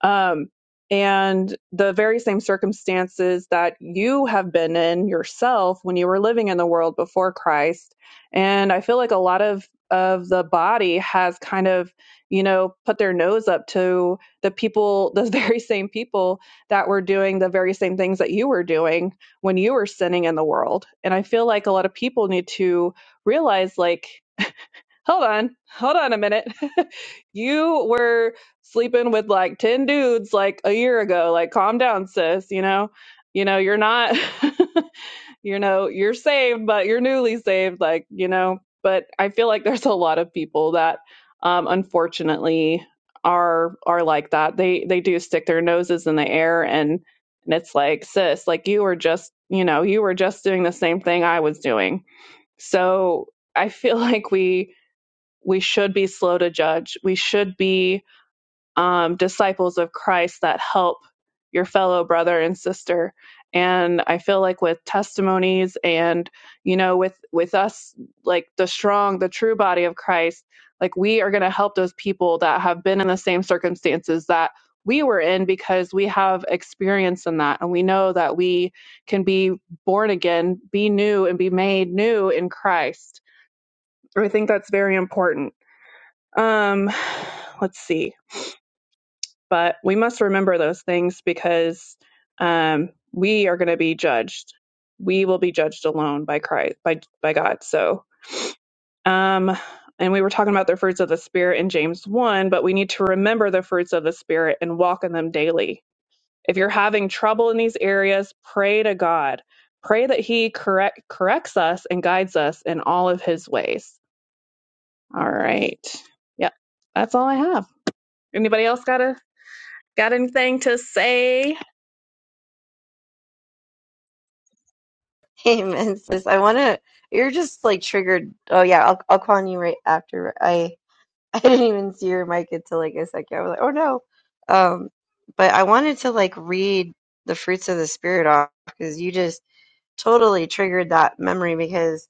[SPEAKER 2] um, and the very same circumstances that you have been in yourself when you were living in the world before Christ. And I feel like a lot of, of the body has kind of, you know, put their nose up to the people, the very same people that were doing the very same things that you were doing when you were sinning in the world. And I feel like a lot of people need to realize, like, hold on, hold on a minute. you were sleeping with like 10 dudes like a year ago. Like, calm down, sis, you know? You know, you're not, you know, you're saved, but you're newly saved, like, you know. But I feel like there's a lot of people that um unfortunately are are like that. They they do stick their noses in the air and and it's like, sis, like you were just, you know, you were just doing the same thing I was doing. So I feel like we we should be slow to judge. We should be um, disciples of Christ that help your fellow brother and sister. And I feel like with testimonies and you know with with us like the strong, the true body of Christ, like we are going to help those people that have been in the same circumstances that we were in because we have experience in that and we know that we can be born again, be new, and be made new in Christ. I think that's very important. Um, let's see. But we must remember those things because um, we are going to be judged. We will be judged alone by Christ, by by God. So, um, and we were talking about the fruits of the spirit in James one, but we need to remember the fruits of the spirit and walk in them daily. If you're having trouble in these areas, pray to God. Pray that He correct corrects us and guides us in all of His ways. All right. Yep, that's all I have. Anybody else got a Got anything to say?
[SPEAKER 3] Amen, sis. I want to, you're just like triggered. Oh, yeah, I'll, I'll call on you right after. I, I didn't even see your mic until like a second. I was like, oh no. Um, but I wanted to like read the fruits of the spirit off because you just totally triggered that memory because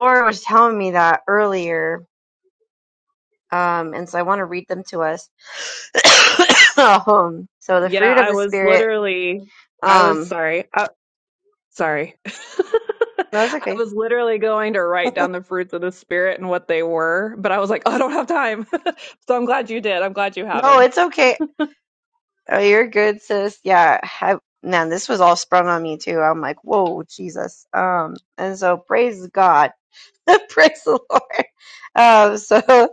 [SPEAKER 3] Laura was telling me that earlier. Um, and so I want to read them to us. um, so the
[SPEAKER 2] Yeah,
[SPEAKER 3] fruit of
[SPEAKER 2] I
[SPEAKER 3] the
[SPEAKER 2] was
[SPEAKER 3] spirit.
[SPEAKER 2] literally, I was
[SPEAKER 3] Um,
[SPEAKER 2] sorry. I, sorry.
[SPEAKER 3] no, it's
[SPEAKER 2] I
[SPEAKER 3] okay.
[SPEAKER 2] was literally going to write down the fruits of the Spirit and what they were, but I was like, oh, I don't have time. so I'm glad you did. I'm glad you have
[SPEAKER 3] No,
[SPEAKER 2] them.
[SPEAKER 3] it's okay. Oh, you're good, sis. Yeah. I, man, this was all sprung on me too. I'm like, whoa, Jesus. Um, and so praise God. Praise the Lord. Um, so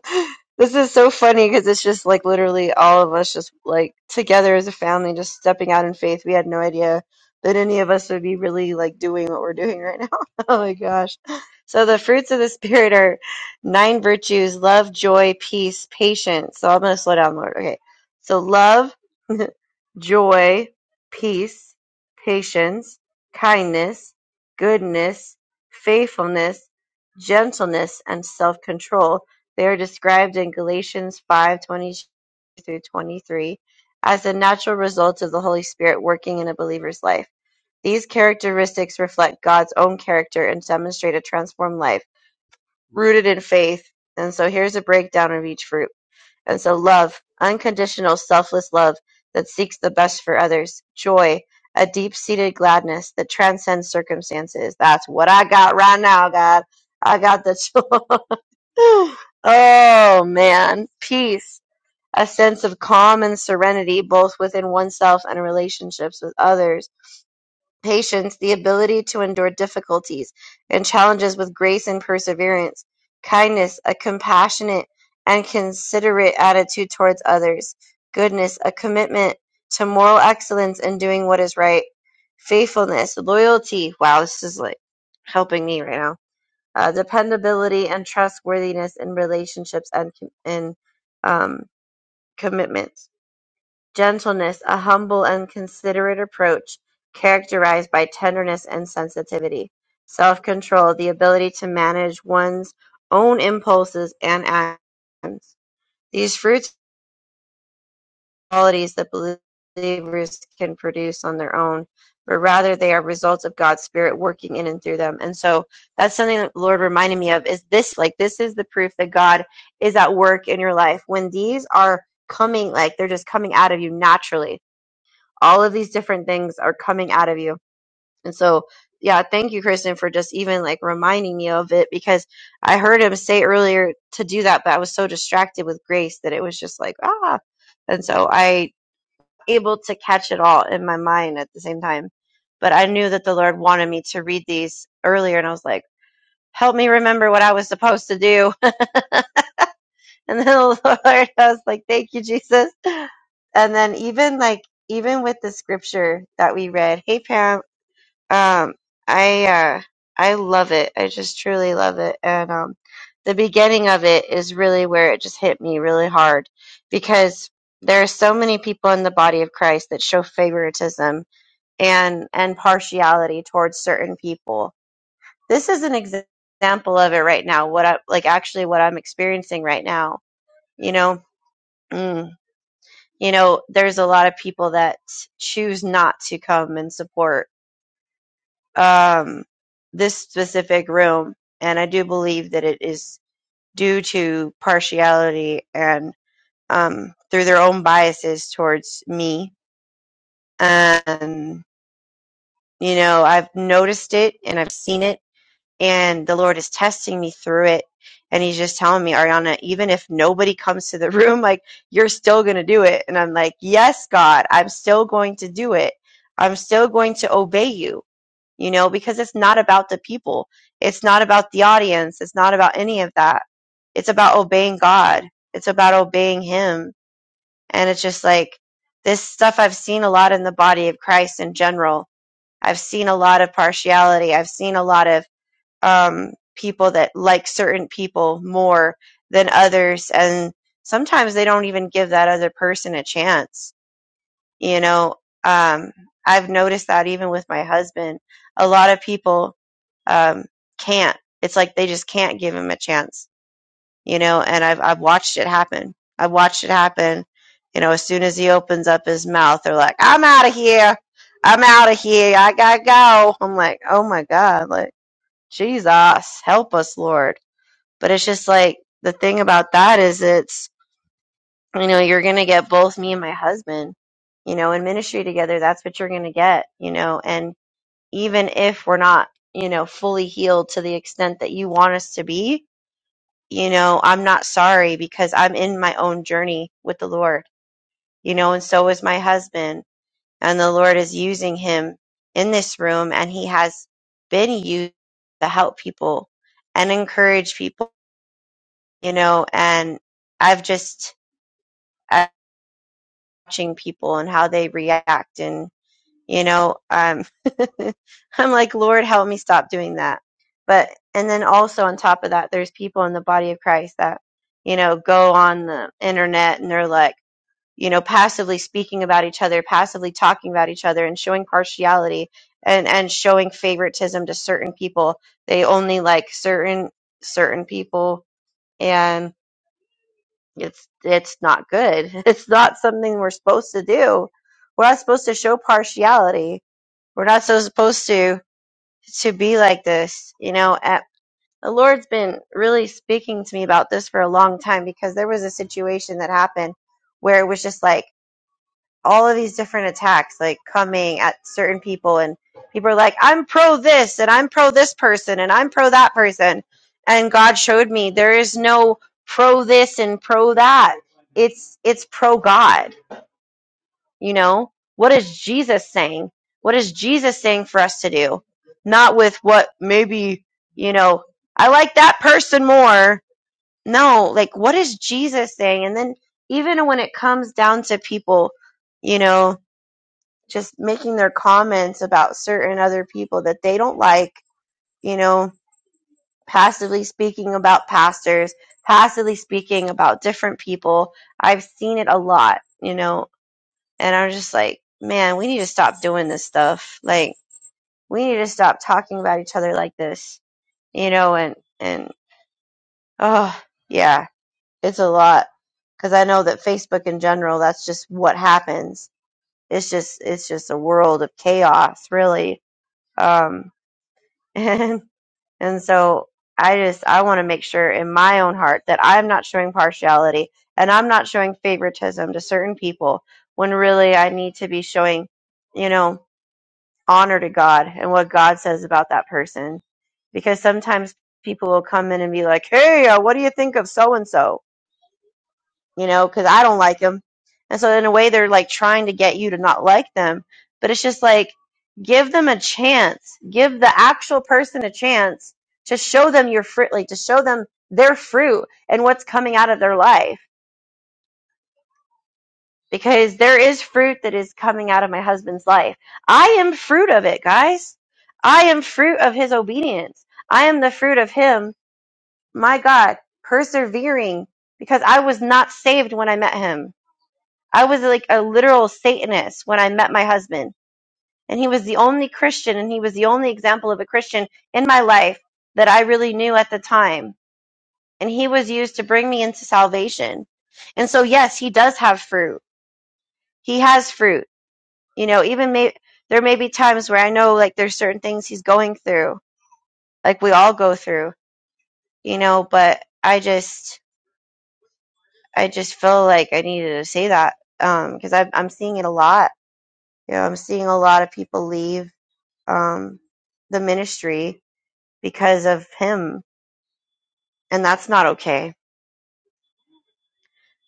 [SPEAKER 3] this is so funny because it's just like literally all of us just like together as a family, just stepping out in faith. We had no idea that any of us would be really like doing what we're doing right now. oh my gosh. So the fruits of the spirit are nine virtues, love, joy, peace, patience. So I'm going to slow down, Lord. Okay. So love, joy, peace, patience, kindness, goodness, faithfulness, gentleness and self-control. They are described in Galatians 5:20 through 23 as the natural result of the Holy Spirit working in a believer's life. These characteristics reflect God's own character and demonstrate a transformed life rooted in faith. And so here's a breakdown of each fruit. And so love, unconditional, selfless love that seeks the best for others, joy, a deep seated gladness that transcends circumstances. That's what I got right now, God. I got the joy. oh, man. Peace, a sense of calm and serenity, both within oneself and relationships with others patience, the ability to endure difficulties and challenges with grace and perseverance, kindness, a compassionate and considerate attitude towards others, goodness, a commitment to moral excellence and doing what is right, faithfulness, loyalty. Wow, this is like helping me right now. Uh, dependability and trustworthiness in relationships and com- and um, commitments Gentleness, a humble and considerate approach characterized by tenderness and sensitivity. Self-control, the ability to manage one's own impulses and actions. These fruits are qualities that believers can produce on their own, but rather they are results of God's Spirit working in and through them. And so that's something that the Lord reminded me of is this like this is the proof that God is at work in your life. When these are coming, like they're just coming out of you naturally all of these different things are coming out of you. And so, yeah, thank you, Kristen, for just even like reminding me of it because I heard him say earlier to do that, but I was so distracted with grace that it was just like, ah. And so I able to catch it all in my mind at the same time. But I knew that the Lord wanted me to read these earlier and I was like, help me remember what I was supposed to do. And then the Lord, I was like, thank you, Jesus. And then even like, even with the scripture that we read, hey, Pam, um i uh i love it i just truly love it and um the beginning of it is really where it just hit me really hard because there are so many people in the body of christ that show favoritism and and partiality towards certain people this is an exa- example of it right now what i like actually what i'm experiencing right now you know mm, you know there's a lot of people that choose not to come and support um, this specific room, and I do believe that it is due to partiality and um, through their own biases towards me. And you know, I've noticed it and I've seen it, and the Lord is testing me through it. And he's just telling me, Ariana, even if nobody comes to the room, like you're still going to do it. And I'm like, yes, God, I'm still going to do it. I'm still going to obey you you know, because it's not about the people. It's not about the audience. It's not about any of that. It's about obeying God. It's about obeying Him. And it's just like this stuff I've seen a lot in the body of Christ in general. I've seen a lot of partiality. I've seen a lot of um, people that like certain people more than others. And sometimes they don't even give that other person a chance you know, um, I've noticed that even with my husband, a lot of people um, can't. It's like they just can't give him a chance, you know. And I've I've watched it happen. I've watched it happen. You know, as soon as he opens up his mouth, they're like, "I'm out of here. I'm out of here. I gotta go." I'm like, "Oh my God! Like Jesus, help us, Lord." But it's just like the thing about that is it's you know you're going to get both me and my husband you know in ministry together that's what you're going to get you know and even if we're not you know fully healed to the extent that you want us to be you know i'm not sorry because i'm in my own journey with the lord you know and so is my husband and the lord is using him in this room and he has been used to help people and encourage people you know and i've just i watching people and how they react and. you know um i'm like lord help me stop doing that but and then also on top of that there's people in the body of christ that you know go on the internet and they're like you know passively speaking about each other passively talking about each other and showing partiality and and showing favoritism to certain people they only like certain certain people and it's it's not good it's not something we're supposed to do we're not supposed to show partiality we're not so supposed to to be like this you know at, the lord's been really speaking to me about this for a long time because there was a situation that happened where it was just like all of these different attacks like coming at certain people and people are like i'm pro this and i'm pro this person and i'm pro that person and god showed me there is no pro this and pro that it's it's pro god you know, what is Jesus saying? What is Jesus saying for us to do? Not with what maybe, you know, I like that person more. No, like what is Jesus saying? And then even when it comes down to people, you know, just making their comments about certain other people that they don't like, you know, passively speaking about pastors, passively speaking about different people. I've seen it a lot, you know, and I'm just like, man, we need to stop doing this stuff. Like, we need to stop talking about each other like this, you know, and, and, oh, yeah, it's a lot. Cause I know that Facebook in general, that's just what happens. It's just, it's just a world of chaos, really. Um, and, and so I just, I want to make sure in my own heart that I'm not showing partiality and I'm not showing favoritism to certain people when really I need to be showing, you know, honor to God and what God says about that person. Because sometimes people will come in and be like, hey, uh, what do you think of so and so? You know, because I don't like him. And so, in a way, they're like trying to get you to not like them. But it's just like, give them a chance. Give the actual person a chance to show them your fruit, like to show them their fruit and what's coming out of their life because there is fruit that is coming out of my husband's life. I am fruit of it, guys. I am fruit of his obedience. I am the fruit of him, my God, persevering because I was not saved when I met him. I was like a literal Satanist when I met my husband. And he was the only Christian and he was the only example of a Christian in my life that I really knew at the time. And he was used to bring me into salvation. And so, yes, he does have fruit. He has fruit You know, even may there may be times where I know like there's certain things he's going through, like we all go through, you know, but I just I just feel like I needed to say that um cuz I I'm seeing it a lot. You know, I'm seeing a lot of people leave um the ministry because of him, and that's not okay.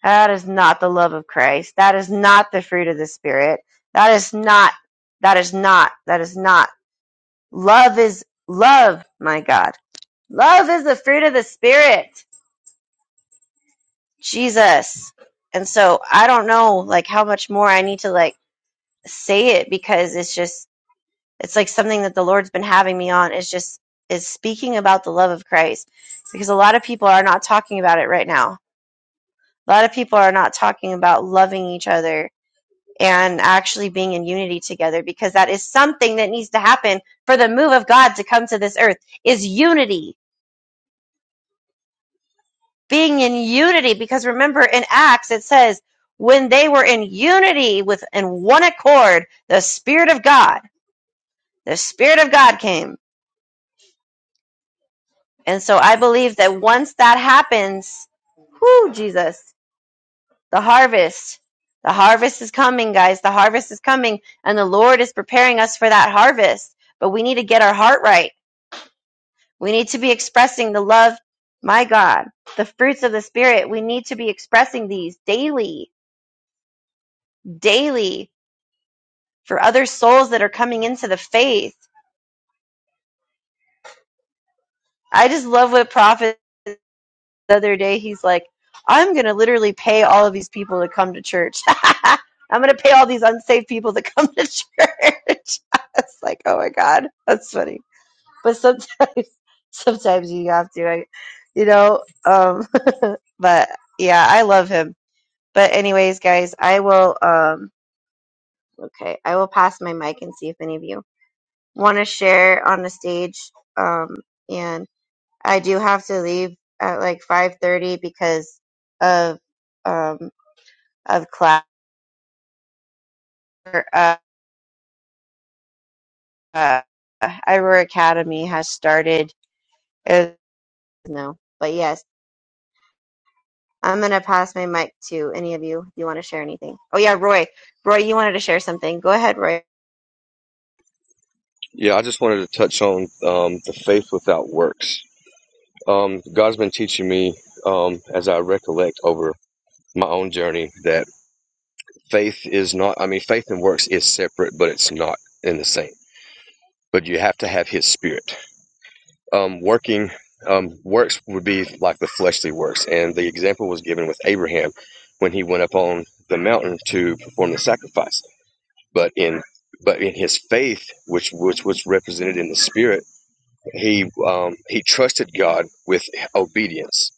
[SPEAKER 3] That is not the love of Christ. That is not the fruit of the spirit. That is not that is not that is not love is love, my God. Love is the fruit of the spirit. Jesus. And so I don't know like how much more I need to like say it because it's just it's like something that the Lord's been having me on It's just is speaking about the love of Christ because a lot of people are not talking about it right now. A lot of people are not talking about loving each other and actually being in unity together because that is something that needs to happen for the move of God to come to this earth is unity being in unity because remember in acts it says when they were in unity with in one accord the spirit of god the spirit of god came and so i believe that once that happens whoo jesus the harvest the harvest is coming guys the harvest is coming and the lord is preparing us for that harvest but we need to get our heart right we need to be expressing the love my god the fruits of the spirit we need to be expressing these daily daily for other souls that are coming into the faith. I just love what Prophet the other day, he's like, I'm going to literally pay all of these people to come to church. I'm going to pay all these unsaved people to come to church. it's like, oh my God, that's funny. But sometimes, sometimes you have to, I, you know, um, but yeah, I love him. But anyways, guys, I will, um, okay, I will pass my mic and see if any of you want to share on the stage. Um, and I do have to leave at like 5:30 because of um of class. Uh, uh, Ira Academy has started. It was- no, but yes, I'm gonna pass my mic to any of you. if You want to share anything? Oh yeah, Roy. Roy, you wanted to share something. Go ahead, Roy.
[SPEAKER 4] Yeah, I just wanted to touch on um, the faith without works. Um, God's been teaching me um, as I recollect over my own journey that faith is not, I mean, faith and works is separate, but it's not in the same. But you have to have his spirit um, working um, works would be like the fleshly works. And the example was given with Abraham when he went up on the mountain to perform the sacrifice. But in but in his faith, which which was represented in the spirit, he um, he trusted God with obedience,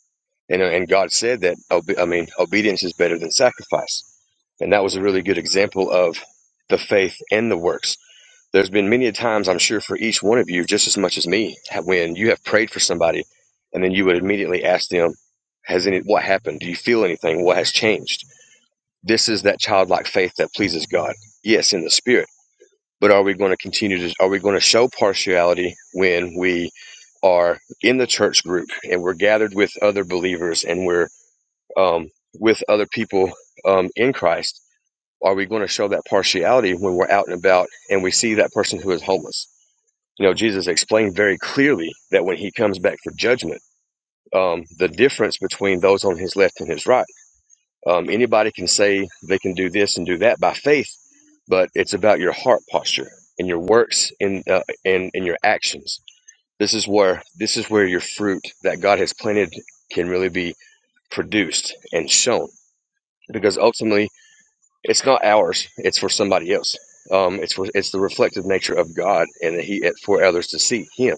[SPEAKER 4] and and God said that I mean obedience is better than sacrifice, and that was a really good example of the faith and the works there's been many times, I'm sure, for each one of you, just as much as me, when you have prayed for somebody and then you would immediately ask them, Has any, what happened? Do you feel anything? What has changed? This is that childlike faith that pleases God. Yes, in the spirit. But are we going to continue to, are we going to show partiality when we are in the church group and we're gathered with other believers and we're um, with other people um, in Christ, are we going to show that partiality when we're out and about and we see that person who is homeless? You know, Jesus explained very clearly that when he comes back for judgment, um, the difference between those on his left and his right. Um, anybody can say they can do this and do that by faith, but it's about your heart posture and your works and uh, and and your actions. This is where this is where your fruit that God has planted can really be produced and shown, because ultimately it's not ours; it's for somebody else. Um, it's for, it's the reflective nature of God, and that He for others to see Him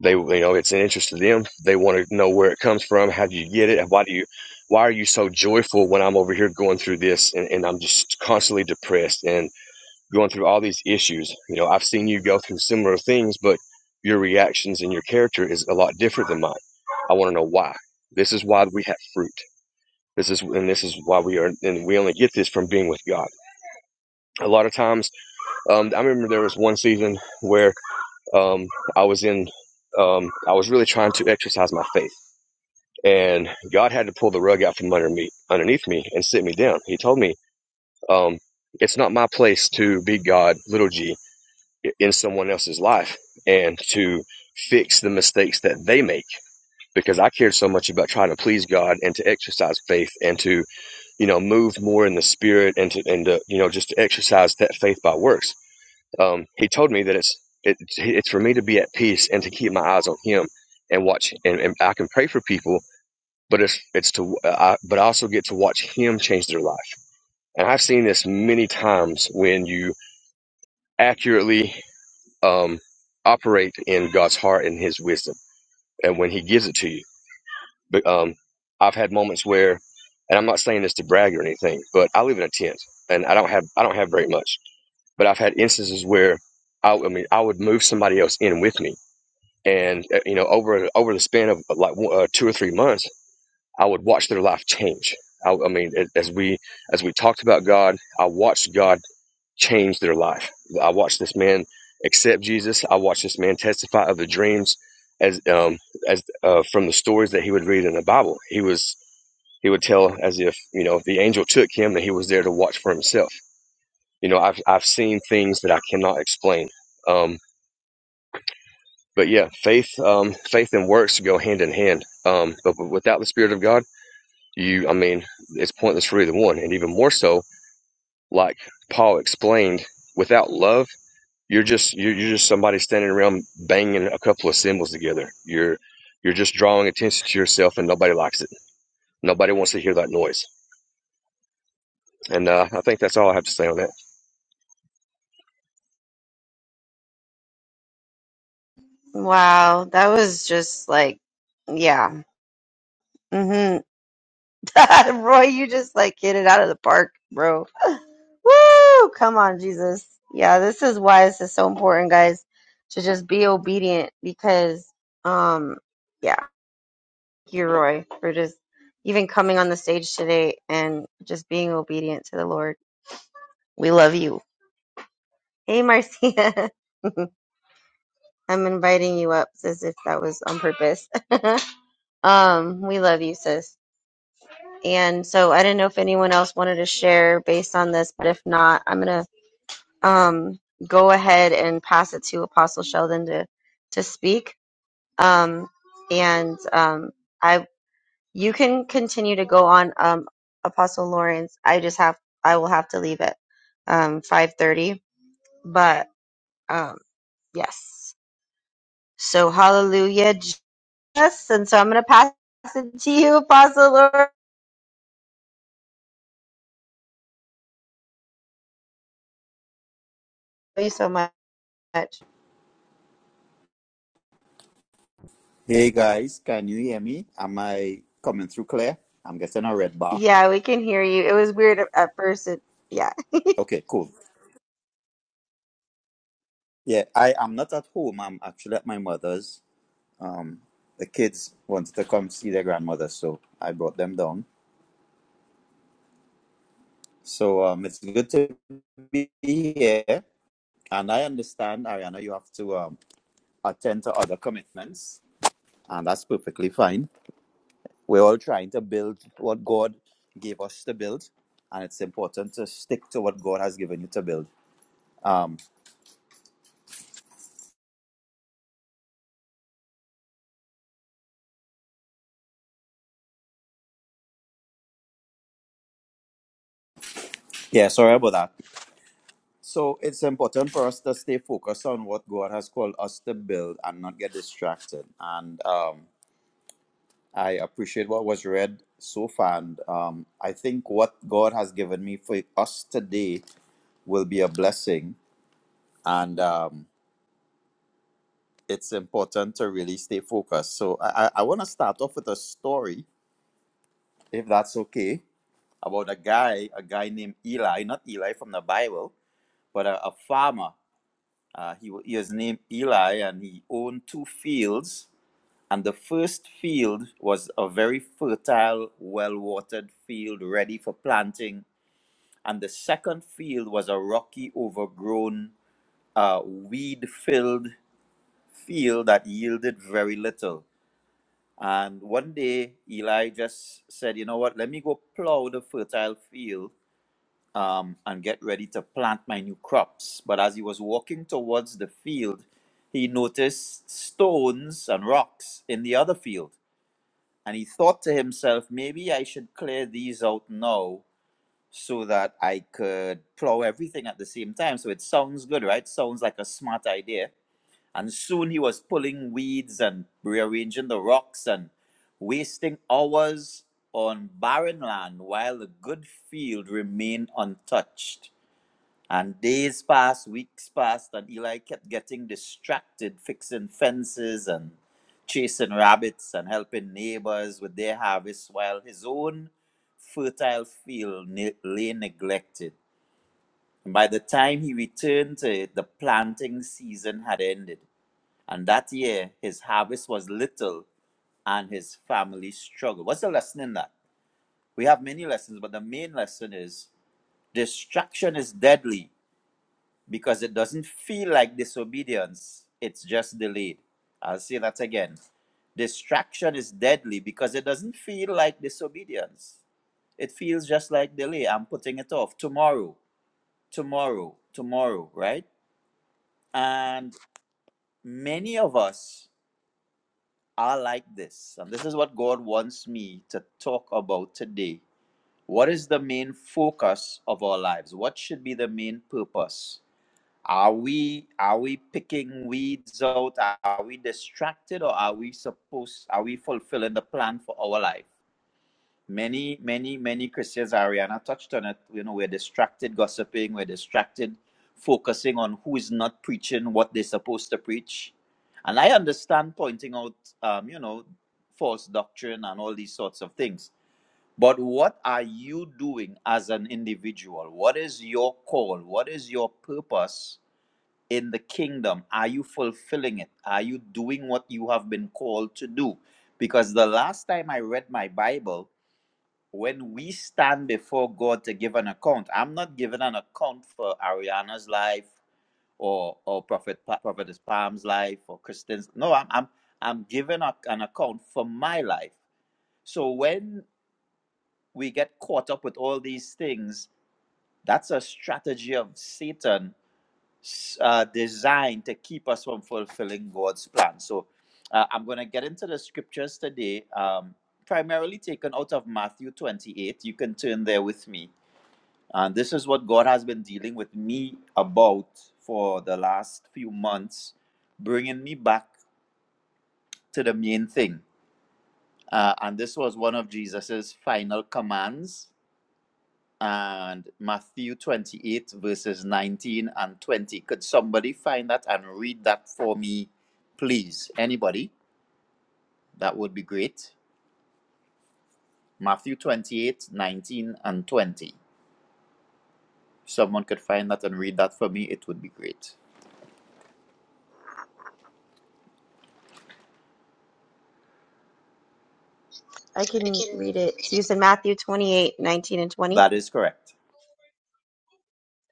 [SPEAKER 4] They, you know, it's an interest to them. They want to know where it comes from. How do you get it? Why do you, why are you so joyful when I'm over here going through this and, and I'm just constantly depressed and going through all these issues? You know, I've seen you go through similar things, but your reactions and your character is a lot different than mine. I want to know why. This is why we have fruit. This is and this is why we are and we only get this from being with God. A lot of times, um, I remember there was one season where um, I was in, um, I was really trying to exercise my faith, and God had to pull the rug out from under me, underneath me, and sit me down. He told me, um, "It's not my place to be God, little g, in someone else's life, and to fix the mistakes that they make." Because I cared so much about trying to please God and to exercise faith and to, you know, move more in the spirit and to, and to, you know, just to exercise that faith by works um, he told me that it's it, it's for me to be at peace and to keep my eyes on him and watch and, and I can pray for people but it's it's to uh, I, but I also get to watch him change their life and I've seen this many times when you accurately um, operate in God's heart and his wisdom and when he gives it to you but um, I've had moments where and I'm not saying this to brag or anything but I live in a tent and I don't have I don't have very much but I've had instances where I, I mean I would move somebody else in with me and uh, you know over over the span of uh, like uh, two or three months i would watch their life change i, I mean as we as we talked about god i watched god change their life i watched this man accept jesus i watched this man testify of the dreams as um as uh, from the stories that he would read in the bible he was he would tell as if you know the angel took him that he was there to watch for himself you know i've i've seen things that i cannot explain um But yeah, faith, um, faith and works go hand in hand. Um, but without the Spirit of God, you, I mean, it's pointless for either one. And even more so, like Paul explained, without love, you're just you're, you're just somebody standing around banging a couple of symbols together. You're you're just drawing attention to yourself, and nobody likes it. Nobody wants to hear that noise. And uh, I think that's all I have to say on that.
[SPEAKER 3] Wow, that was just like, yeah. hmm Roy, you just like hit it out of the park, bro. Woo! Come on, Jesus. Yeah, this is why this is so important, guys, to just be obedient because, um, yeah, thank you, Roy, for just even coming on the stage today and just being obedient to the Lord. We love you. Hey, Marcia. I'm inviting you up, sis, if that was on purpose. um, we love you, sis. And so I didn't know if anyone else wanted to share based on this, but if not, I'm going to um, go ahead and pass it to Apostle Sheldon to to speak. Um, and um, I you can continue to go on, um, Apostle Lawrence. I just have I will have to leave at um, five thirty, but um, yes. So hallelujah, Jesus. And so I'm gonna pass it to you, Apostle Lawrence. Thank you so much.
[SPEAKER 5] Hey guys, can you hear me? Am I coming through clear? I'm getting a red bar.
[SPEAKER 3] Yeah, we can hear you. It was weird at at first. It, yeah,
[SPEAKER 5] Okay, cool. Yeah, I am not at home. I'm actually at my mother's. Um, the kids wanted to come see their grandmother, so I brought them down. So um, it's good to be here. And I understand, Ariana, you have to um, attend to other commitments, and that's perfectly fine. We're all trying to build what God gave us to build, and it's important to stick to what God has given you to build. Um, Yeah, sorry about that. So it's important for us to stay focused on what God has called us to build and not get distracted. And um, I appreciate what was read so far. And um, I think what God has given me for us today will be a blessing. And um, it's important to really stay focused. So I, I I want to start off with a story, if that's okay, about a guy, a guy named Eli, not Eli from the Bible, but a, a farmer Uh, he, wa- he was named Eli and he owned two fields. And the first field was a very fertile, well watered field ready for planting. And the second field was a rocky, overgrown, uh, weed filled field that yielded very little. And one day, Eli just said, You know what? Let me go plow the fertile field um, and get ready to plant my new crops. But as he was walking towards the field, he noticed stones and rocks in the other field. And he thought to himself, maybe I should clear these out now so that I could plow everything at the same time. So it sounds good, right? Sounds like a smart idea. And soon he was pulling weeds and rearranging the rocks and wasting hours on barren land while the good field remained untouched. And days passed, weeks passed, and Eli kept getting distracted, fixing fences and chasing rabbits and helping neighbors with their harvest while his own fertile field ne- lay neglected. And by the time he returned to it, the planting season had ended. And that year, his harvest was little and his family struggled. What's the lesson in that? We have many lessons, but the main lesson is distraction is deadly because it doesn't feel like disobedience, it's just delayed. I'll say that again. Distraction is deadly because it doesn't feel like disobedience. It feels just like delay. I'm putting it off tomorrow, tomorrow, tomorrow, right? And many of us are like this. And this is what God wants me to talk about today. What is the main focus of our lives? What should be the main purpose? Are we are we picking weeds out? Are we distracted or are we supposed are we fulfilling the plan for our life? Many, many, many Christians, Ariana touched on it. You know, we're distracted gossiping, we're distracted focusing on who is not preaching what they're supposed to preach. And I understand pointing out um, you know, false doctrine and all these sorts of things. But what are you doing as an individual? What is your call? What is your purpose? in the kingdom? Are you fulfilling it? Are you doing what you have been called to do? Because the last time I read my Bible, when we stand before God to give an account, I'm not giving an account for Ariana's life or or Prophet Pa- Prophetess Palm's life or Kristen's. No, I'm I'm I'm giving a, an account for my life. So when we get caught up with all these things, that's a strategy of Satan uh, designed to keep us from fulfilling God's plan. So uh, I'm going to get into the scriptures today, um, primarily taken out of Matthew 28. You can turn there with me. And this is what God has been dealing with me about for the last few months, bringing me back to the main thing. Uh, and this was one of Jesus's final commands and Matthew 28, verses 19 and 20. Could somebody find that and read that for me, please? Anybody? That would be great. Matthew 28 19 and 20. If someone could find that and read that for me, it would be great.
[SPEAKER 3] I
[SPEAKER 5] I
[SPEAKER 3] can
[SPEAKER 5] can
[SPEAKER 3] read it.
[SPEAKER 5] read
[SPEAKER 3] So you
[SPEAKER 5] it.
[SPEAKER 3] said Matthew 28:19 and 20.
[SPEAKER 5] That is correct.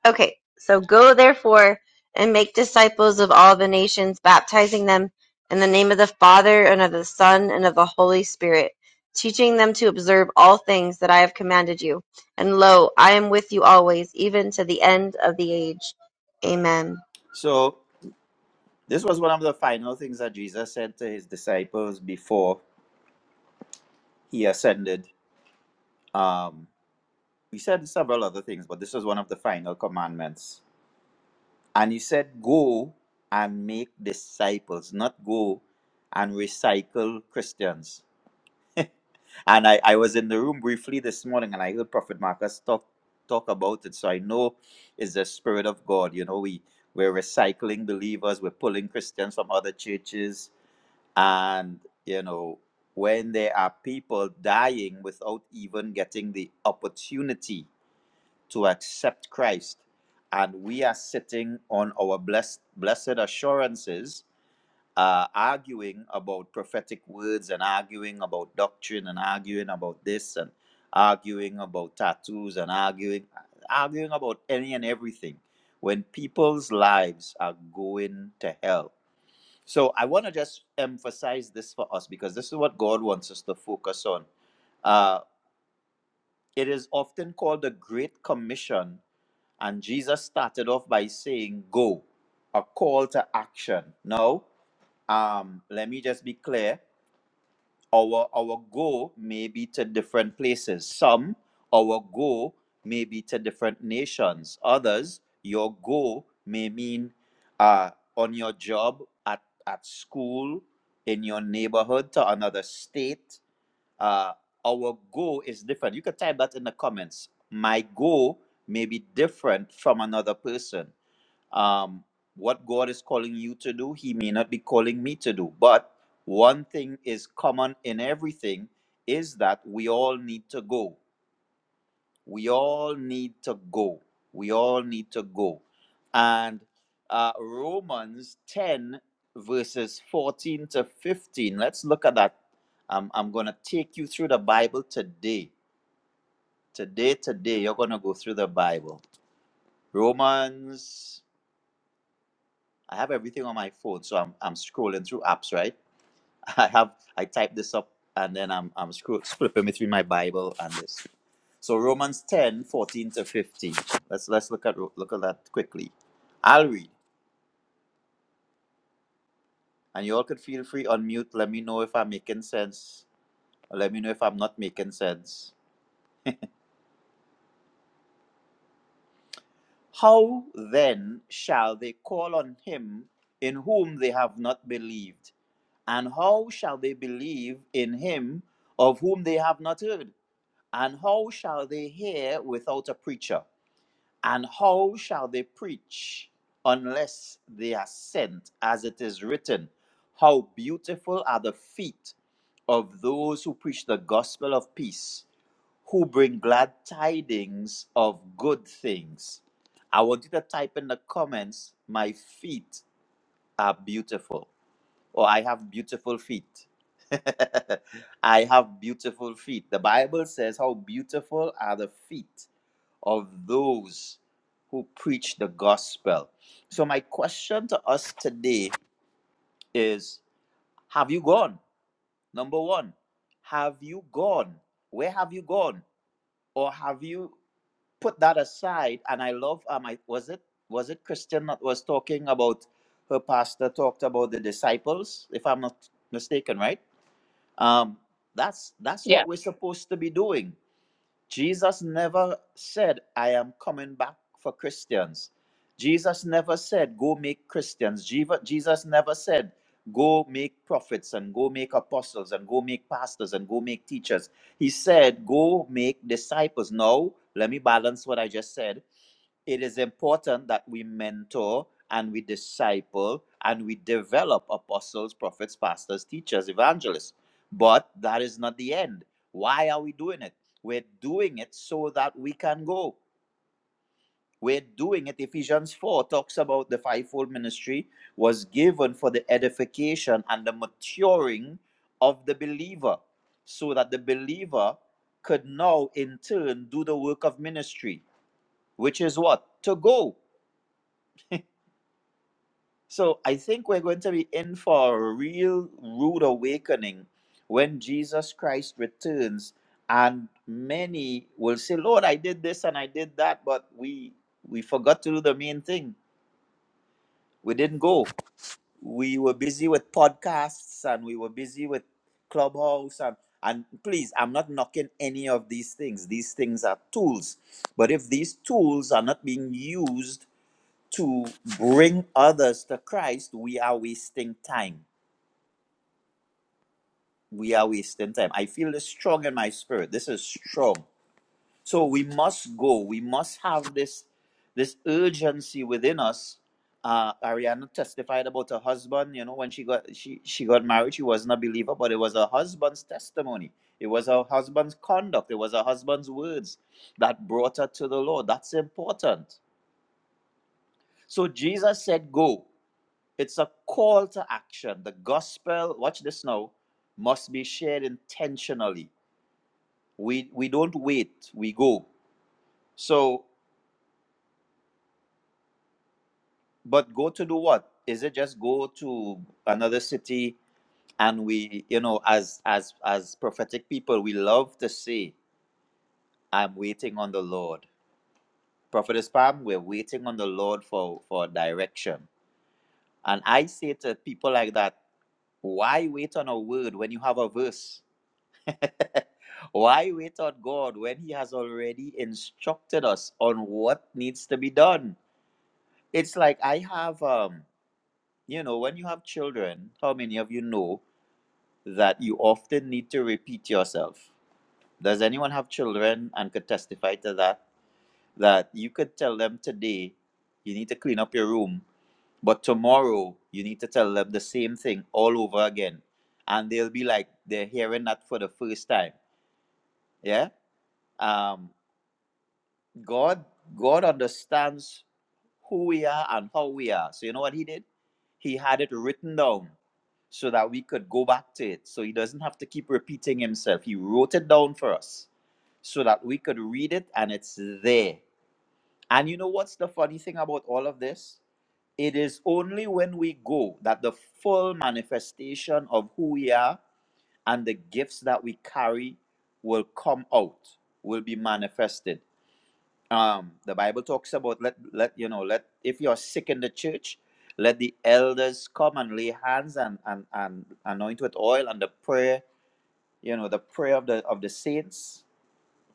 [SPEAKER 3] Okay, so go therefore and make disciples of all the nations, baptizing them in the name of the Father and of the Son and of the Holy Spirit, teaching them to observe all things that I have commanded you. And lo, I am with you always, even to the end of the age. Amen.
[SPEAKER 5] So, this was one of the final things that Jesus said to his disciples before he ascended. Um, he said several other things, but this was one of the final commandments And he said, Go and make disciples, not go and recycle Christians. and I, I was in the room briefly this morning and I heard Prophet Marcus talk talk about it. So I know it's the spirit of God. You know, we we're recycling believers, we're pulling Christians from other churches. And, you know, when there are people dying without even getting the opportunity to accept Christ, and we are sitting on our blessed blessed assurances, uh, arguing about prophetic words and arguing about doctrine and arguing about this and arguing about tattoos and arguing arguing about any and everything when people's lives are going to hell. So I want to just emphasize this for us because this is what God wants us to focus on Uh, it is often called the Great Commission, and Jesus started off by saying, Go, a call to action. Now, um, let me just be clear. Our our go may be to different places. Some our go may be to different nations. Others, your go may mean uh, on your job, at at school, in your neighborhood, to another state uh, our goal is different. You could type that in the comments. My goal may be different from another person. Um, what God is calling you to do, He may not be calling me to do. But one thing is common in everything is that we all need to go. We all need to go. We all need to go. And uh, Romans 10, verses 14 to 15. Let's look at that. Um, I'm going to take you through the Bible today. Today, today, you're going to go through the Bible. Romans, I have everything on my phone, so I'm, I'm scrolling through apps, right? I have I type this up and then I'm I'm scroll, flipping me through my Bible and this. So Romans 10 14 to 15. Let's let's look at look at that quickly. I'll read. And you all could feel free on mute. Let me know if I'm making sense. Or let me know if I'm not making sense. How then shall they call on him in whom they have not believed? And how shall they believe in him of whom they have not heard? And how shall they hear without a preacher? And how shall they preach unless they are sent, as it is written? How beautiful are the feet of those who preach the gospel of peace, who bring glad tidings of good things. I want you to type in the comments, my feet are beautiful, or I have beautiful feet. I have beautiful feet. The Bible says, How beautiful are the feet of those who preach the gospel. So, my question to us today is Have you gone? Number one, have you gone? Where have you gone? Or have you put that aside? And I love, um, I, was it was it Christian that was talking about her pastor talked about the disciples, if I'm not mistaken, right? Um, that's that's what we're supposed to be doing Jesus never said, I am coming back for Christians. Jesus never said, Go make Christians. Jeva- Jesus never said, Go make prophets and go make apostles and go make pastors and go make teachers. He said, Go make disciples. Now, let me balance what I just said it is important that we mentor and we disciple and we develop apostles, prophets, pastors, teachers, evangelists. But that is not the end. Why are we doing it? We're doing it so that we can go. We're doing it. Ephesians 4 talks about the fivefold ministry was given for the edification and the maturing of the believer, so that the believer could now in turn do the work of ministry, which is what? To go So I think we're going to be in for a real rude awakening when Jesus Christ returns, and many will say, "Lord, I did this and I did that, but we we forgot to do the main thing. We didn't go. We were busy with podcasts and we were busy with Clubhouse and." And please, I'm not knocking any of these things. These things are tools. But if these tools are not being used to bring others to Christ, we are wasting time. We are wasting time. I feel this strong in my spirit. This is strong. So we must go. We must have this this urgency within us. Uh, Ariana testified about her husband. You know, when she got she she got married, she wasn't a believer, but it was her husband's testimony. It was her husband's conduct. It was her husband's words that brought her to the Lord. That's important. So Jesus said, "Go." It's a call to action. The gospel, watch this now, must be shared intentionally. We we don't wait, we go. So, but go to do what? Is it just go to another city and we, you know, as as as prophetic people, we love to say, I'm waiting on the Lord. Prophetess Pam, we're waiting on the Lord for for direction. And I say to people like that, why wait on a word when you have a verse? Why wait on God when He has already instructed us on what needs to be done? It's like I have, um, you know, when you have children, how many of you know that you often need to repeat yourself? Does anyone have children and could testify to that? That you could tell them today, you need to clean up your room, but tomorrow you need to tell them the same thing all over again. And they'll be like, they're hearing that for the first time. Yeah? Um. God God understands who we are and how we are. So you know what he did? He had it written down so that we could go back to it. So he doesn't have to keep repeating himself. He wrote it down for us so that we could read it and it's there. And you know what's the funny thing about all of this? It is only when we go that the full manifestation of who we are and the gifts that we carry will come out, will be manifested um the bible talks about let let you know let if you're sick in the church let the elders come and lay hands and and, and anoint with oil and the prayer you know the prayer of the of the saints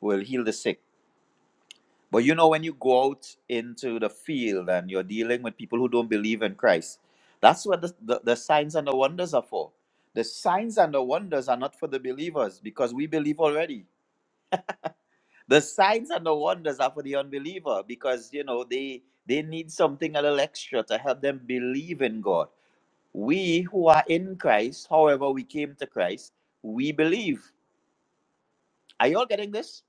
[SPEAKER 5] will heal the sick but you know when you go out into the field and you're dealing with people who don't believe in christ that's what the, the, the signs and the wonders are for the signs and the wonders are not for the believers because we believe already the signs and the wonders are for the unbeliever because you know they they need something a little extra to help them believe in god we who are in christ however we came to christ we believe are you all getting this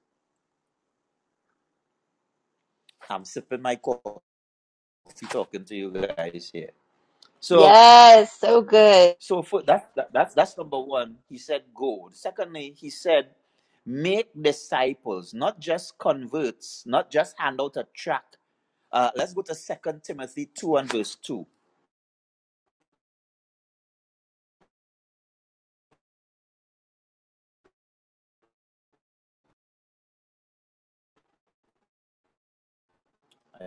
[SPEAKER 5] i'm sipping my coffee talking to you guys here so
[SPEAKER 3] Yes, so good.
[SPEAKER 5] so for that, that that's that's number one he said go secondly he said make disciples not just converts not just hand out a tract." uh, let's go to second timothy 2 and verse 2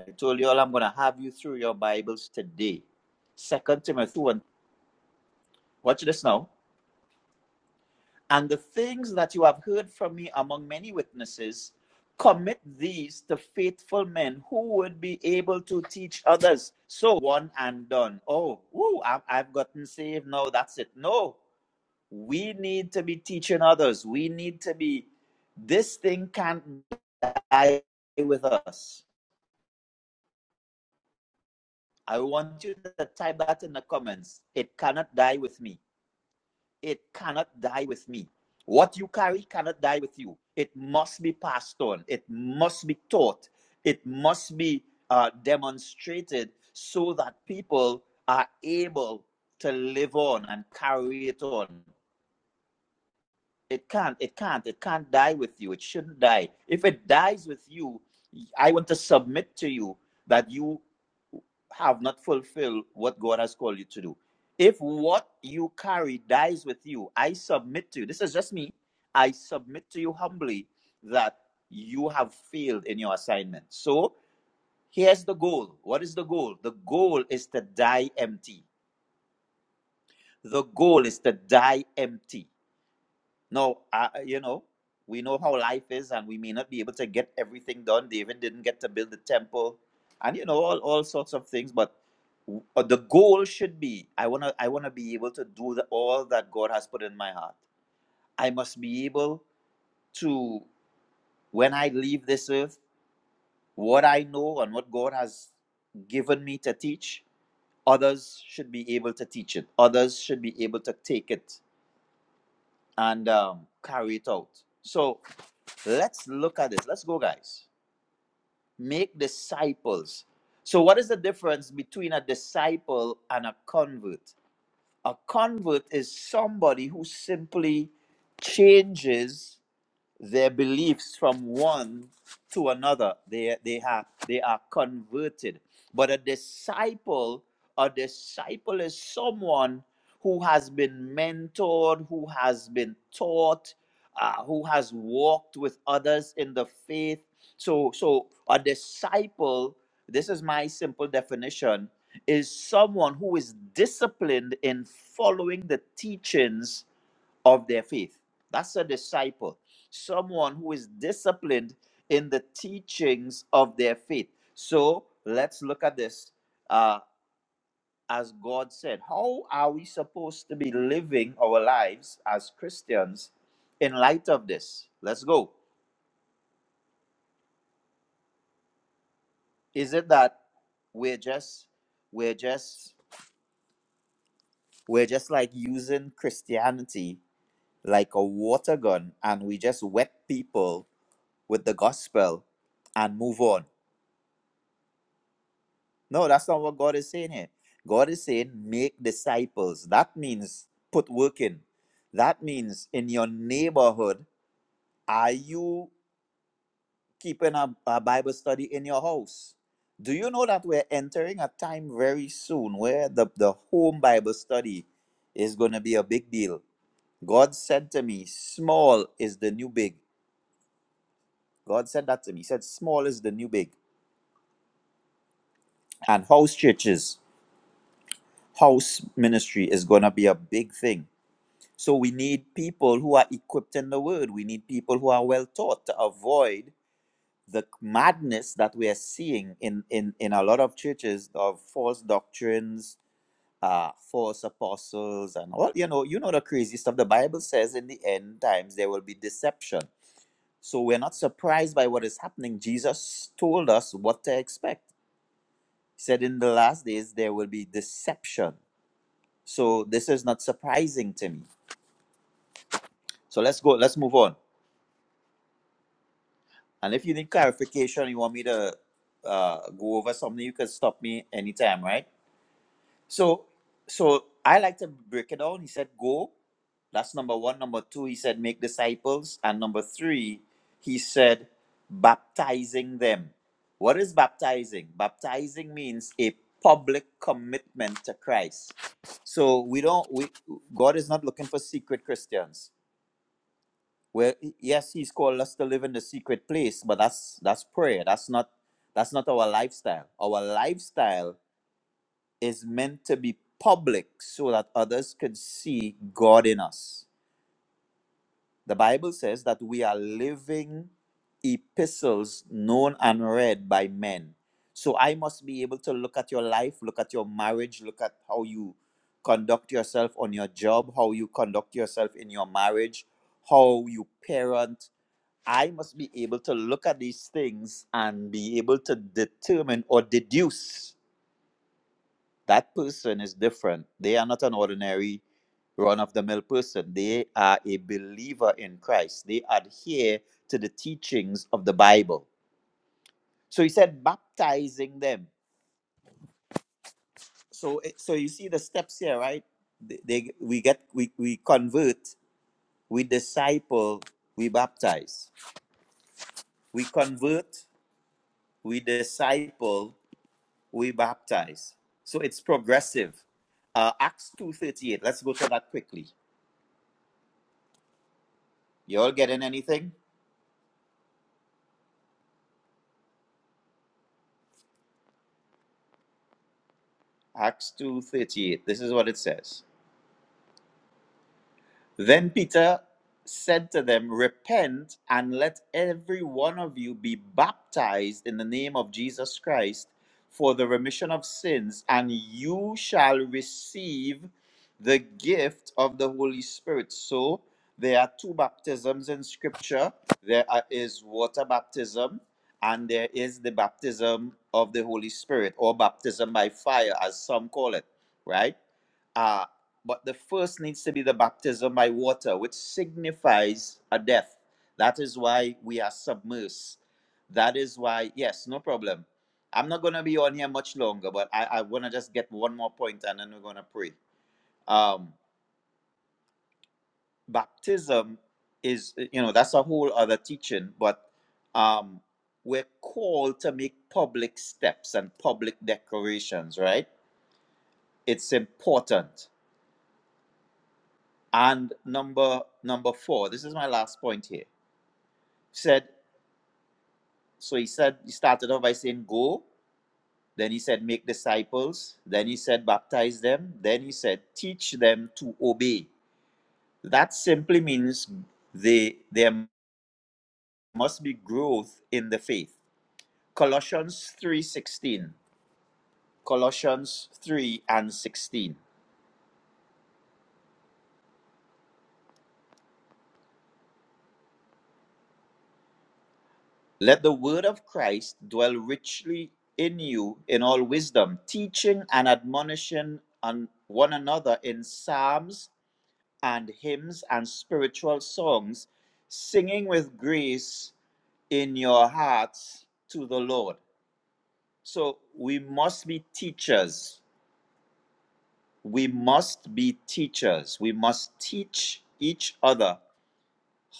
[SPEAKER 5] I told you all I'm going to have you through your Bibles today. Second Timothy 1. Watch this now. And the things that you have heard from me among many witnesses, commit these to faithful men who would be able to teach others. So one and done. Oh, ooh, I've, I've gotten saved. No, that's it. No, we need to be teaching others. We need to be, this thing can't die with us. I want you to type that in the comments. It cannot die with me. It cannot die with me. What you carry cannot die with you. It must be passed on. It must be taught. It must be uh, demonstrated so that people are able to live on and carry it on. It can't. It can't. It can't die with you. It shouldn't die. If it dies with you, I want to submit to you that you have not fulfilled what God has called you to do. If what you carry dies with you, I submit to you. This is just me. I submit to you humbly that you have failed in your assignment. So here's the goal. What is the goal? The goal is to die empty. The goal is to die empty. No, I, you know, we know how life is, and we may not be able to get everything done. David didn't get to build the temple, and you know all, all sorts of things. But w- uh, the goal should be: I wanna I wanna be able to do the, all that God has put in my heart. I must be able to, when I leave this earth, what I know and what God has given me to teach, others should be able to teach it. Others should be able to take it and um, carry it out. So Let's look at this. Let's go, guys. Make disciples. So, what is the difference between a disciple and a convert? A convert is somebody who simply changes their beliefs from one to another. They they have they are converted. But a disciple, a disciple is someone who has been mentored, who has been taught, uh, who has walked with others in the faith. So so a disciple, this is my simple definition, is someone who is disciplined in following the teachings of their faith. That's a disciple someone who is disciplined in the teachings of their faith. So let's look at this. Uh, as God said, how are we supposed to be living our lives as Christians in light of this? Let's go. Is it that we're just we're just we're just like using Christianity like a water gun and we just wet people with the gospel and move on? No, that's not what God is saying here. God is saying, make disciples. That means put work in. That means in your neighborhood, are you keeping a, a Bible study in your house? Do you know that we're entering a time very soon where the, the home Bible study is going to be a big deal? God said to me, small is the new big. God said that to me. He said, small is the new big. And house churches, house ministry is going to be a big thing So we need people who are equipped in the word. We need people who are well taught to avoid the madness that we are seeing in, in, in a lot of churches of false doctrines, uh, false apostles, and all you know, you know the crazy stuff. The Bible says in the end times there will be deception. So we're not surprised by what is happening. Jesus told us what to expect. He said in the last days there will be deception. So this is not surprising to me. So let's go, let's move on. And if you need clarification, you want me to uh, go over something, you can stop me anytime, right? So, so I like to break it down. He said, "Go." That's number one. Number two, he said, "Make disciples," and number three, he said, "Baptizing them." What is baptizing? Baptizing means a public commitment to Christ. So we don't. We God is not looking for secret Christians. Well, yes, he's called us to live in the secret place, but that's that's prayer. That's not that's not our lifestyle. Our lifestyle is meant to be public so that others can see God in us. The Bible says that we are living epistles known and read by men. So I must be able to look at your life, look at your marriage, look at how you conduct yourself on your job, how you conduct yourself in your marriage, how you parent, I must be able to look at these things and be able to determine or deduce that person is different. They are not an ordinary run of the mill person. They are a believer in Christ. They adhere to the teachings of the Bible. So he said, baptizing them. So, it- so you see the steps here, right? They, they- we get we, we convert, we disciple, we baptize. We convert, we disciple, we baptize. So it's progressive. Uh, Acts 2.38, let's go to that quickly. You all getting anything? Acts 2.38, this is what it says. Then Peter said to them, Repent and let every one of you be baptized in the name of Jesus Christ for the remission of sins, and you shall receive the gift of the Holy Spirit. So there are two baptisms in Scripture there are- is water baptism, and there is the baptism of the Holy Spirit, or baptism by fire, as some call it, right? Uh, but the first needs to be the baptism by water, which signifies a death. That is why we are submersed. That is why, yes, no problem. I'm not going to be on here much longer, but I, I want to just get one more point and then we're going to pray. Um, baptism is, you know, that's a whole other teaching, but um, we're called to make public steps and public declarations, right? It's important. And number number four, this is my last point here said so he said he started off by saying go then he said make disciples then he said baptize them then he said teach them to obey that simply means they there must be growth in the faith colossians 3:16 colossians 3 and 16 let the word of christ dwell richly in you in all wisdom teaching and admonishing on one another in psalms and hymns and spiritual songs, singing with grace in your hearts to the Lord. So we must be teachers. We must be teachers. We must teach each other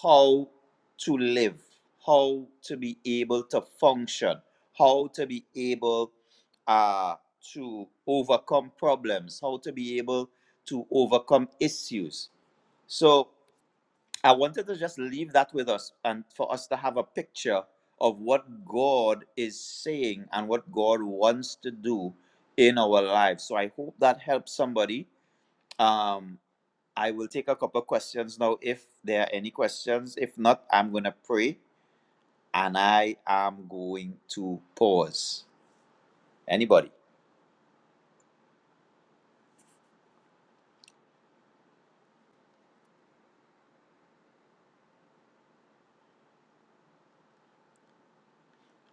[SPEAKER 5] how to live, how to be able to function, how to be able uh, to overcome problems, how to be able to overcome issues. So I wanted to just leave that with us and for us to have a picture of what God is saying and what God wants to do in our lives. So I hope that helps somebody. Um, I will take a couple of questions now if there are any questions. If not, I'm going to pray and I am going to pause. Anybody?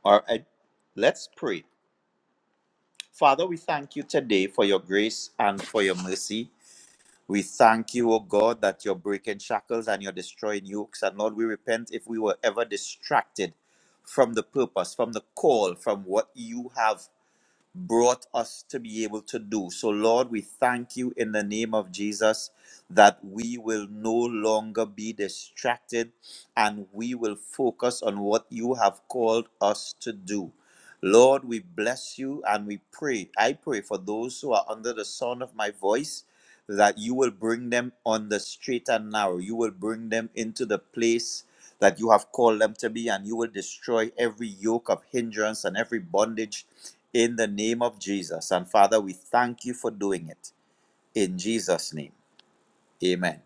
[SPEAKER 5] All right, let's pray. Father, we thank you today for your grace and for your mercy. We thank you, O God, that you're breaking shackles and you're destroying yokes. And Lord, we repent if we were ever distracted from the purpose, from the call, from what you have brought us to be able to do. So, Lord, we thank you in the name of Jesus that we will no longer be distracted and we will focus on what you have called us to do. Lord, we bless you and we pray. I pray for those who are under the sound of my voice that you will bring them on the straight and narrow. You will bring them into the place that you have called them to be, and you will destroy every yoke of hindrance and every bondage in the name of Jesus. And Father, we thank you for doing it in Jesus' name. Amen.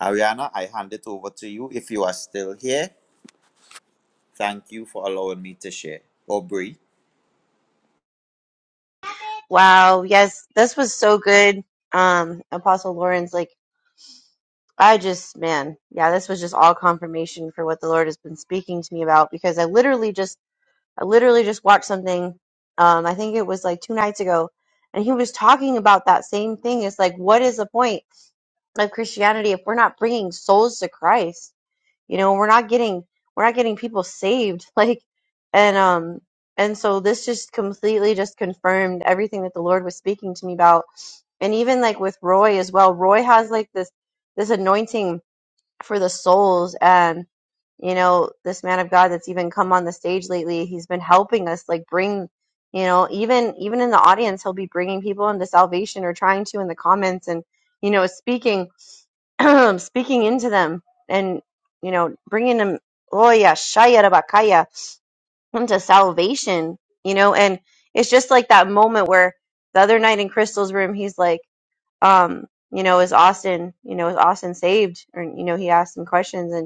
[SPEAKER 5] Ariana, I hand it over to you if you are still here. Thank you for allowing me to share. Aubrey.
[SPEAKER 3] Wow, yes, this was so good. Um, Apostle Lawrence, like I just man, yeah, this was just all confirmation for what the Lord has been speaking to me about because I literally just I literally just watched something. Um, I think it was like two nights ago, and he was talking about that same thing. It's like, what is the point of Christianity if we're not bringing souls to Christ? You know, we're not getting we're not getting people saved. Like, and um, and so this just completely just confirmed everything that the Lord was speaking to me about, and even like with Roy as well. Roy has like this this anointing for the souls and you know this man of god that's even come on the stage lately he's been helping us like bring you know even even in the audience he'll be bringing people into salvation or trying to in the comments and you know speaking speaking into them and you know bringing them oh yeah shaya rabakaya into salvation you know and it's just like that moment where the other night in crystal's room he's like um you know is austin you know is austin saved or you know he asked some questions and.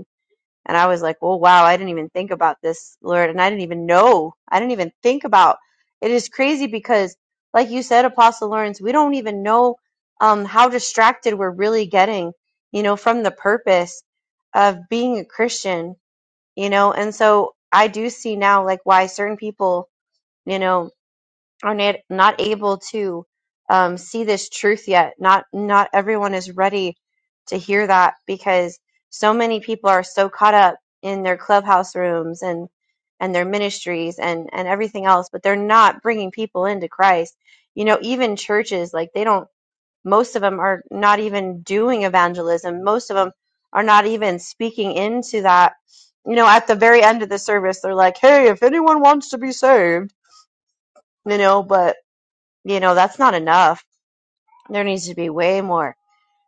[SPEAKER 3] And I was like, well, wow, I didn't even think about this, Lord. And I didn't even know. I didn't even think about it is crazy because, like you said, Apostle Lawrence, we don't even know um, how distracted we're really getting, you know, from the purpose of being a Christian, you know. And so I do see now, like, why certain people, you know, are not, not able to um, see this truth yet. Not not everyone is ready to hear that because so many people are so caught up in their clubhouse rooms and and their ministries and and everything else, but they're not bringing people into Christ. You know, even churches like they don't. Most of them are not even doing evangelism. Most of them are not even speaking into that. You know, at the very end of the service, they're like, "Hey, if anyone wants to be saved," you know, but you know, that's not enough. There needs to be way more.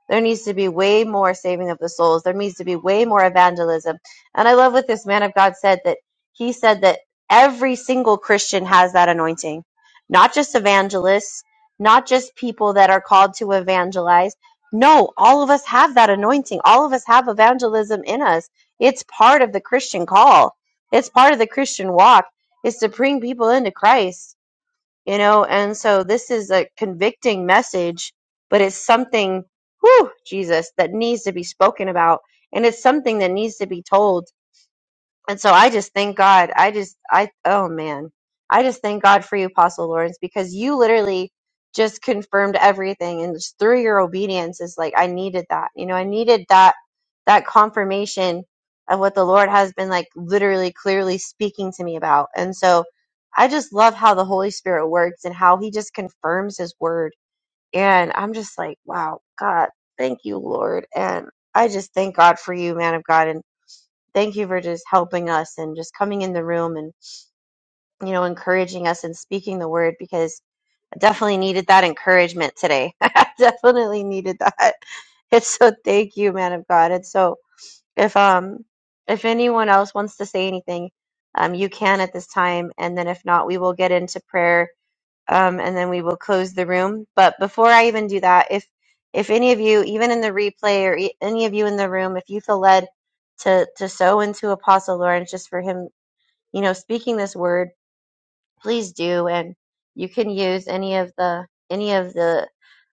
[SPEAKER 3] There needs to be way more saving of the souls. There needs to be way more evangelism. And I love what this man of God said that he said that every single Christian has that anointing, not just evangelists, not just people that are called to evangelize. No, all of us have that anointing. All of us have evangelism in us. It's part of the Christian call. It's part of the Christian walk is to bring people into Christ you know and so this is a convicting message but it's something whew jesus that needs to be spoken about and it's something that needs to be told and so I just thank God. I just, I, oh man, I just thank God for you, Apostle Lawrence, because you literally just confirmed everything. And just through your obedience is like, I needed that. You know, I needed that, that confirmation of what the Lord has been like literally clearly speaking to me about. And so I just love how the Holy Spirit works and how he just confirms his word. And I'm just like, wow, God, thank you, Lord. And I just thank God for you, man of God. And thank you for just helping us and just coming in the room and you know encouraging us and speaking the word because I definitely needed that encouragement today. I definitely needed that. It's so thank you, man of God. And so if um if anyone else wants to say anything, um you can at this time and then if not, we will get into prayer um, and then we will close the room. But before I even do that, if if any of you, even in the replay, or e- any of you in the room, if you feel led to to sow into Apostle Lawrence just for him, you know, speaking this word, please do. And you can use any of the any of the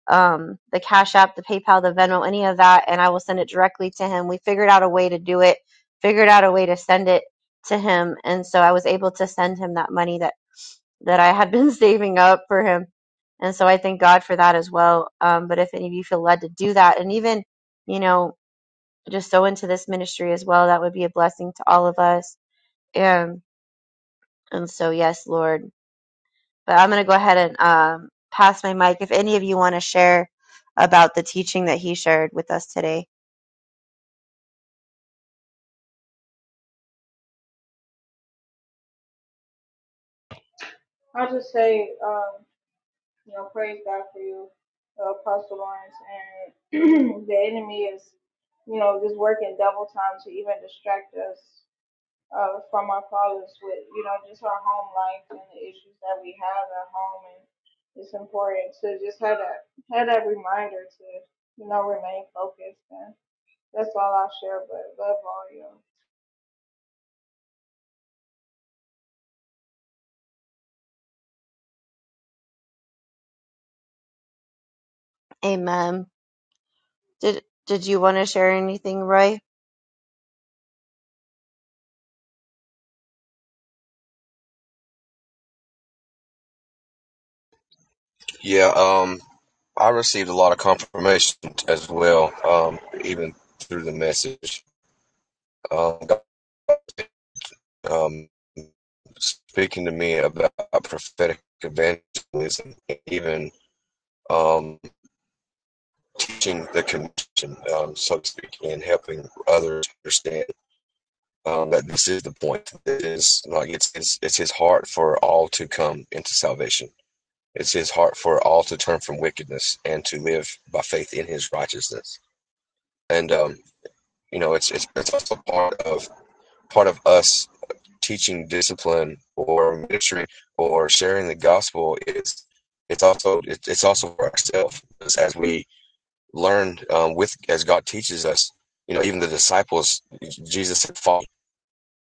[SPEAKER 3] um the Cash App, the PayPal, the Venmo, any of that, and I will send it directly to him. We figured out a way to do it. Figured out a way to send it to him, and so I was able to send him that money that that I had been saving up for him. And so I thank God for that as well. Um, but if any of you feel led to do that, and even, you know, just so into this ministry as well, that would be a blessing to all of us. And, and so, yes, Lord. But I'm going to go ahead and um, pass my mic if any of you want to share about the teaching that he shared with us today. Amen. Did, did you want to share anything, Roy?
[SPEAKER 4] Yeah, um, I received a lot of confirmation as well, um, even through the message. Um, God, um, speaking to me about prophetic evangelism, even um, teaching the commission, um, so to speak, and helping others understand. um, that this is the point. It is like it's, it's it's his heart for all to come into salvation. It's his heart for all to turn from wickedness and to live by faith in his righteousness. And um, you know, it's it's it's also part of part of us teaching discipline or ministry or sharing the gospel is it's also it's also for ourselves as we learn um, with as God teaches us. You know, even the disciples, Jesus said, "Follow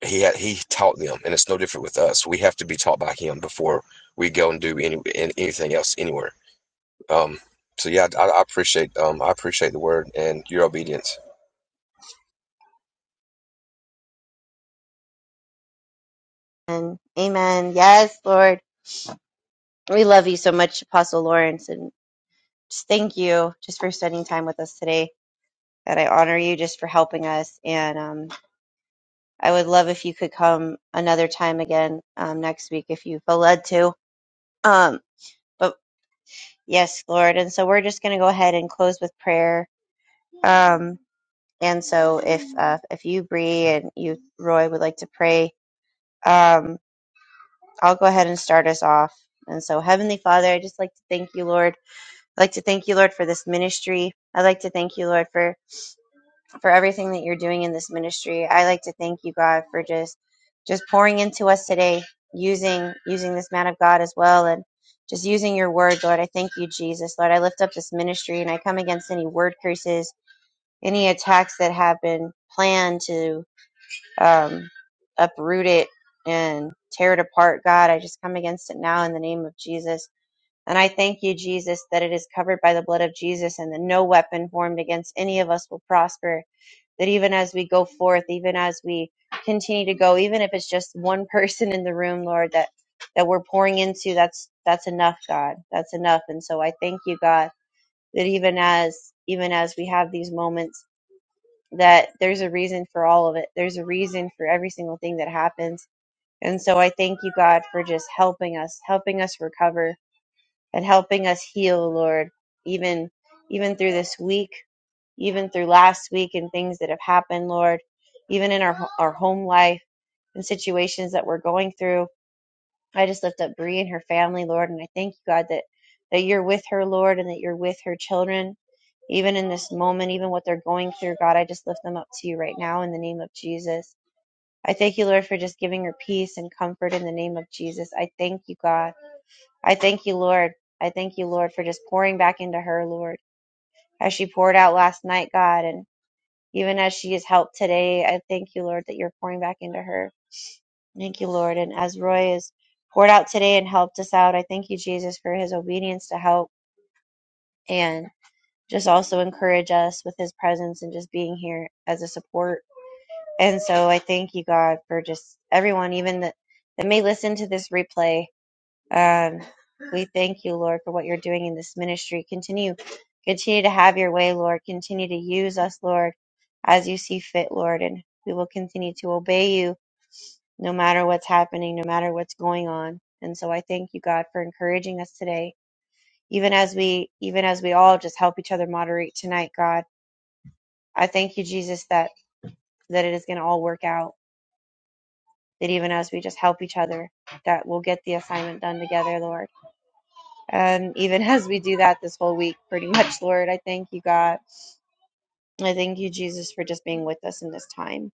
[SPEAKER 4] he had, he taught them, and it's no different with us. We have to be taught by him before we go and do any anything else anywhere. Um, so yeah, I, I appreciate um, I appreciate the word and your obedience.
[SPEAKER 3] And amen. Yes, Lord. We love you so much, Apostle Lawrence. and. Just thank you just for spending time with us today. God, I honor you just for helping us. And um, I would love if you could come another time again um, next week if you feel led to. Um, but yes, Lord. And so we're just going to go ahead and close with prayer. Um, and so if uh, if you, Bree, and you, Roy, would like to pray, um, I'll go ahead and start us off. And so, Heavenly Father, I just like to thank you, Lord. I'd like to thank you, Lord, for this ministry. I'd like to thank you, Lord, for for everything that you're doing in this ministry. I like to thank you, God, for just just pouring into us today, using using this man of God as well, and just using your word, Lord. I thank you, Jesus, Lord. I lift up this ministry, and I come against any word curses, any attacks that have been planned to um, uproot it and tear it apart. God, I just come against it now in the name of Jesus. And I thank you, Jesus, that it is covered by the blood of Jesus and that no weapon formed against any of us will prosper that even as we go forth, even as we continue to go, even if it's just one person in the room, Lord, that that we're pouring into, that's that's enough, God. That's enough. And so I thank you, God, that even as even as we have these moments, that there's a reason for all of it. There's a reason for every single thing that happens. And so I thank you, God, for just helping us, helping us recover and helping us heal, Lord, even even through this week even through last week and things that have happened, Lord, even in our our home life and situations that we're going through. I just lift up Bree and her family, Lord, and I thank you, God, that that you're with her, Lord, and that you're with her children, even in this moment, even what they're going through. God, I just lift them up to you right now in the name of Jesus. I thank you, Lord, for just giving her peace and comfort in the name of Jesus. I thank you, God. I thank you, Lord. I thank you, Lord, for just pouring back into her, Lord, as she poured out last night, God, and even as she is helped today. I thank you, Lord, that you're pouring back into her. Thank you, Lord. And as Roy is poured out today and helped us out, I thank you, Jesus, for his obedience to help and just also encourage us with his presence and just being here as a support. And so I thank you, God, for just everyone, even that, that may listen to this replay. And we thank you, Lord, for what you're doing in this ministry. Continue, continue to have your way, Lord. Continue to use us, Lord, as you see fit, Lord. And we will continue to obey you no matter what's happening, no matter what's going on. And so I thank you, God, for encouraging us today. Even as we, even as we all just help each other moderate tonight, God, I thank you, Jesus, that, that it is going to all work out. That even as we just help each other, that we'll get the assignment done together, Lord And even as we do that this whole week, pretty much, Lord, I thank you, God. I thank you, Jesus, for just being with us in this time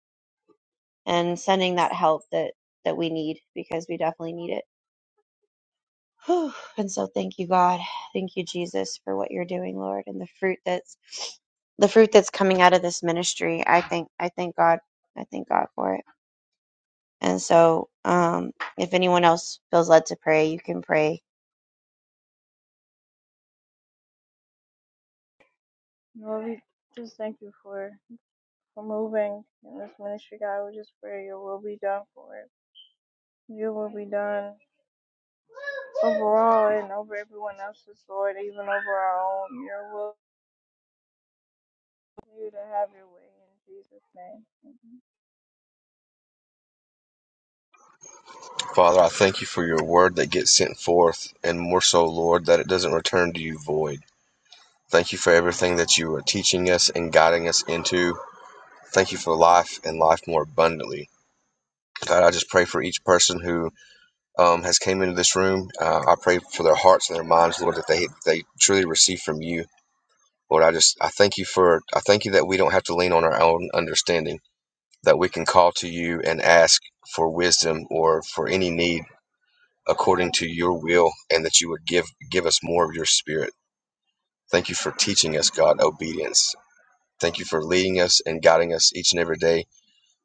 [SPEAKER 3] and sending that help that that we need because we definitely need it. Whew. And so, thank you, God. Thank you, Jesus, for what you're doing, Lord, and the fruit that's the fruit that's coming out of this ministry. I thank I thank God. I thank God for it. And so, um, if anyone else feels led to pray, you can pray.
[SPEAKER 4] Father, I thank you for your word that gets sent forth, and more so, Lord, that it doesn't return to you void. Thank you for everything that you are teaching us and guiding us into. Thank you for life and life more abundantly. God, I just pray for each person who um, has came into this room. Uh, I pray for their hearts and their minds, Lord, that they they truly receive from you. Lord, I just I thank you for I thank you that we don't have to lean on our own understanding, that we can call to you and ask for wisdom or for any need according to your will, and that you would give give us more of your spirit. Thank you for teaching us, God, obedience Thank you for leading us and guiding us each and every day.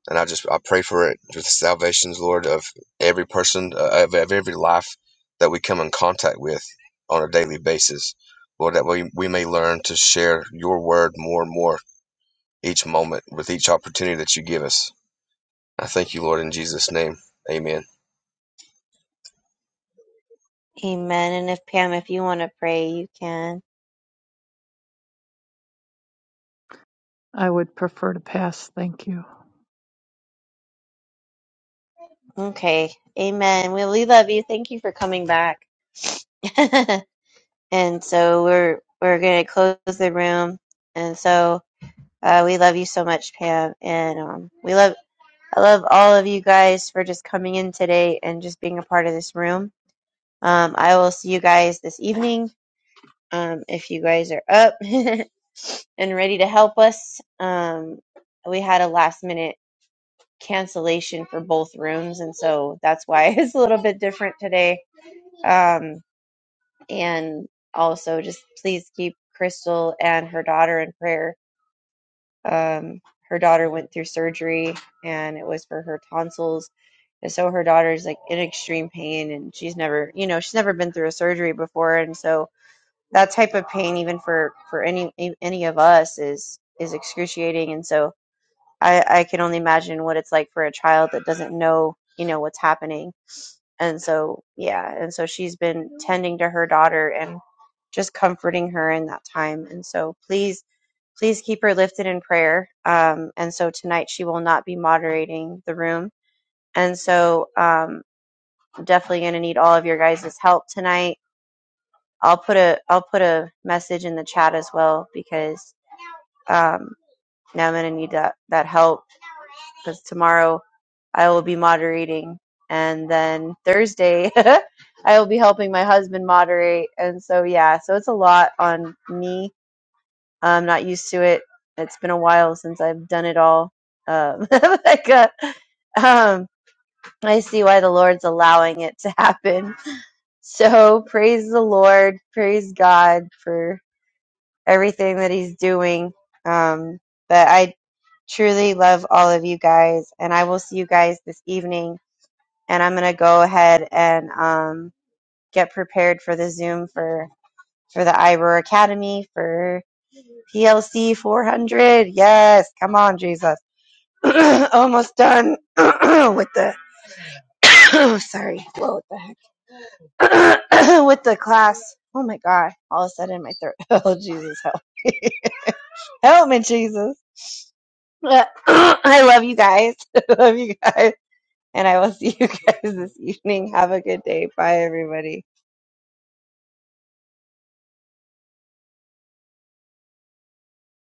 [SPEAKER 4] And I just I pray for it for the salvations, Lord, of every person, uh, of, of every life that we come in contact with on a daily basis. Lord, that we, we may learn to share your word more and more each moment with each opportunity that you give us. I thank you, Lord, in Jesus' name. Amen.
[SPEAKER 3] Amen. And if Pam, if you want to pray, you can.
[SPEAKER 6] I would prefer to pass, thank you.
[SPEAKER 3] Okay. Amen. Well, we love you. Thank you for coming back. and so we're we're gonna close the room. And so uh, we love you so much, Pam. And um, we love I love all of you guys for just coming in today and just being a part of this room. Um, I will see you guys this evening. Um, if you guys are up and ready to help us, um, we had a last minute cancellation for both rooms, and so that's why it's a little bit different today. Um, and also just please keep Crystal and her daughter in prayer. Um, her daughter went through surgery and it was for her tonsils. And so her daughter's like in extreme pain and she's never, you know, she's never been through a surgery before. And so that type of pain, even for, for any, e, any of us is, is excruciating. And so I, I can only imagine what it's like for a child that doesn't know, you know, what's happening and so yeah and so she's been tending to her daughter and just comforting her in that time and so please please keep her lifted in prayer um, and so tonight she will not be moderating the room and so um, I'm definitely going to need all of your guys' help tonight i'll put a i'll put a message in the chat as well because um, now i'm going to need that that help because tomorrow I will be moderating. And then Thursday, I will be helping my husband moderate. And so, yeah, so it's a lot on me. I'm not used to it. It's been a while since I've done it all. Um, like, uh, um, I see why the Lord's allowing it to happen. So, praise the Lord. Praise God for everything that he's doing. Um, but I truly love all of you guys, and I will see you guys this evening. And I'm gonna go ahead and um, get prepared for the Zoom for for the Iroar Academy for PLC 400. Yes, come on, Jesus. Almost done with the. sorry. Whoa, what the heck? with the class. Oh my God! All of a sudden, my throat. Oh Jesus, help! me. help me, Jesus. I love you guys. I love you guys. And I will see you guys this evening. Have a good day. Bye, everybody.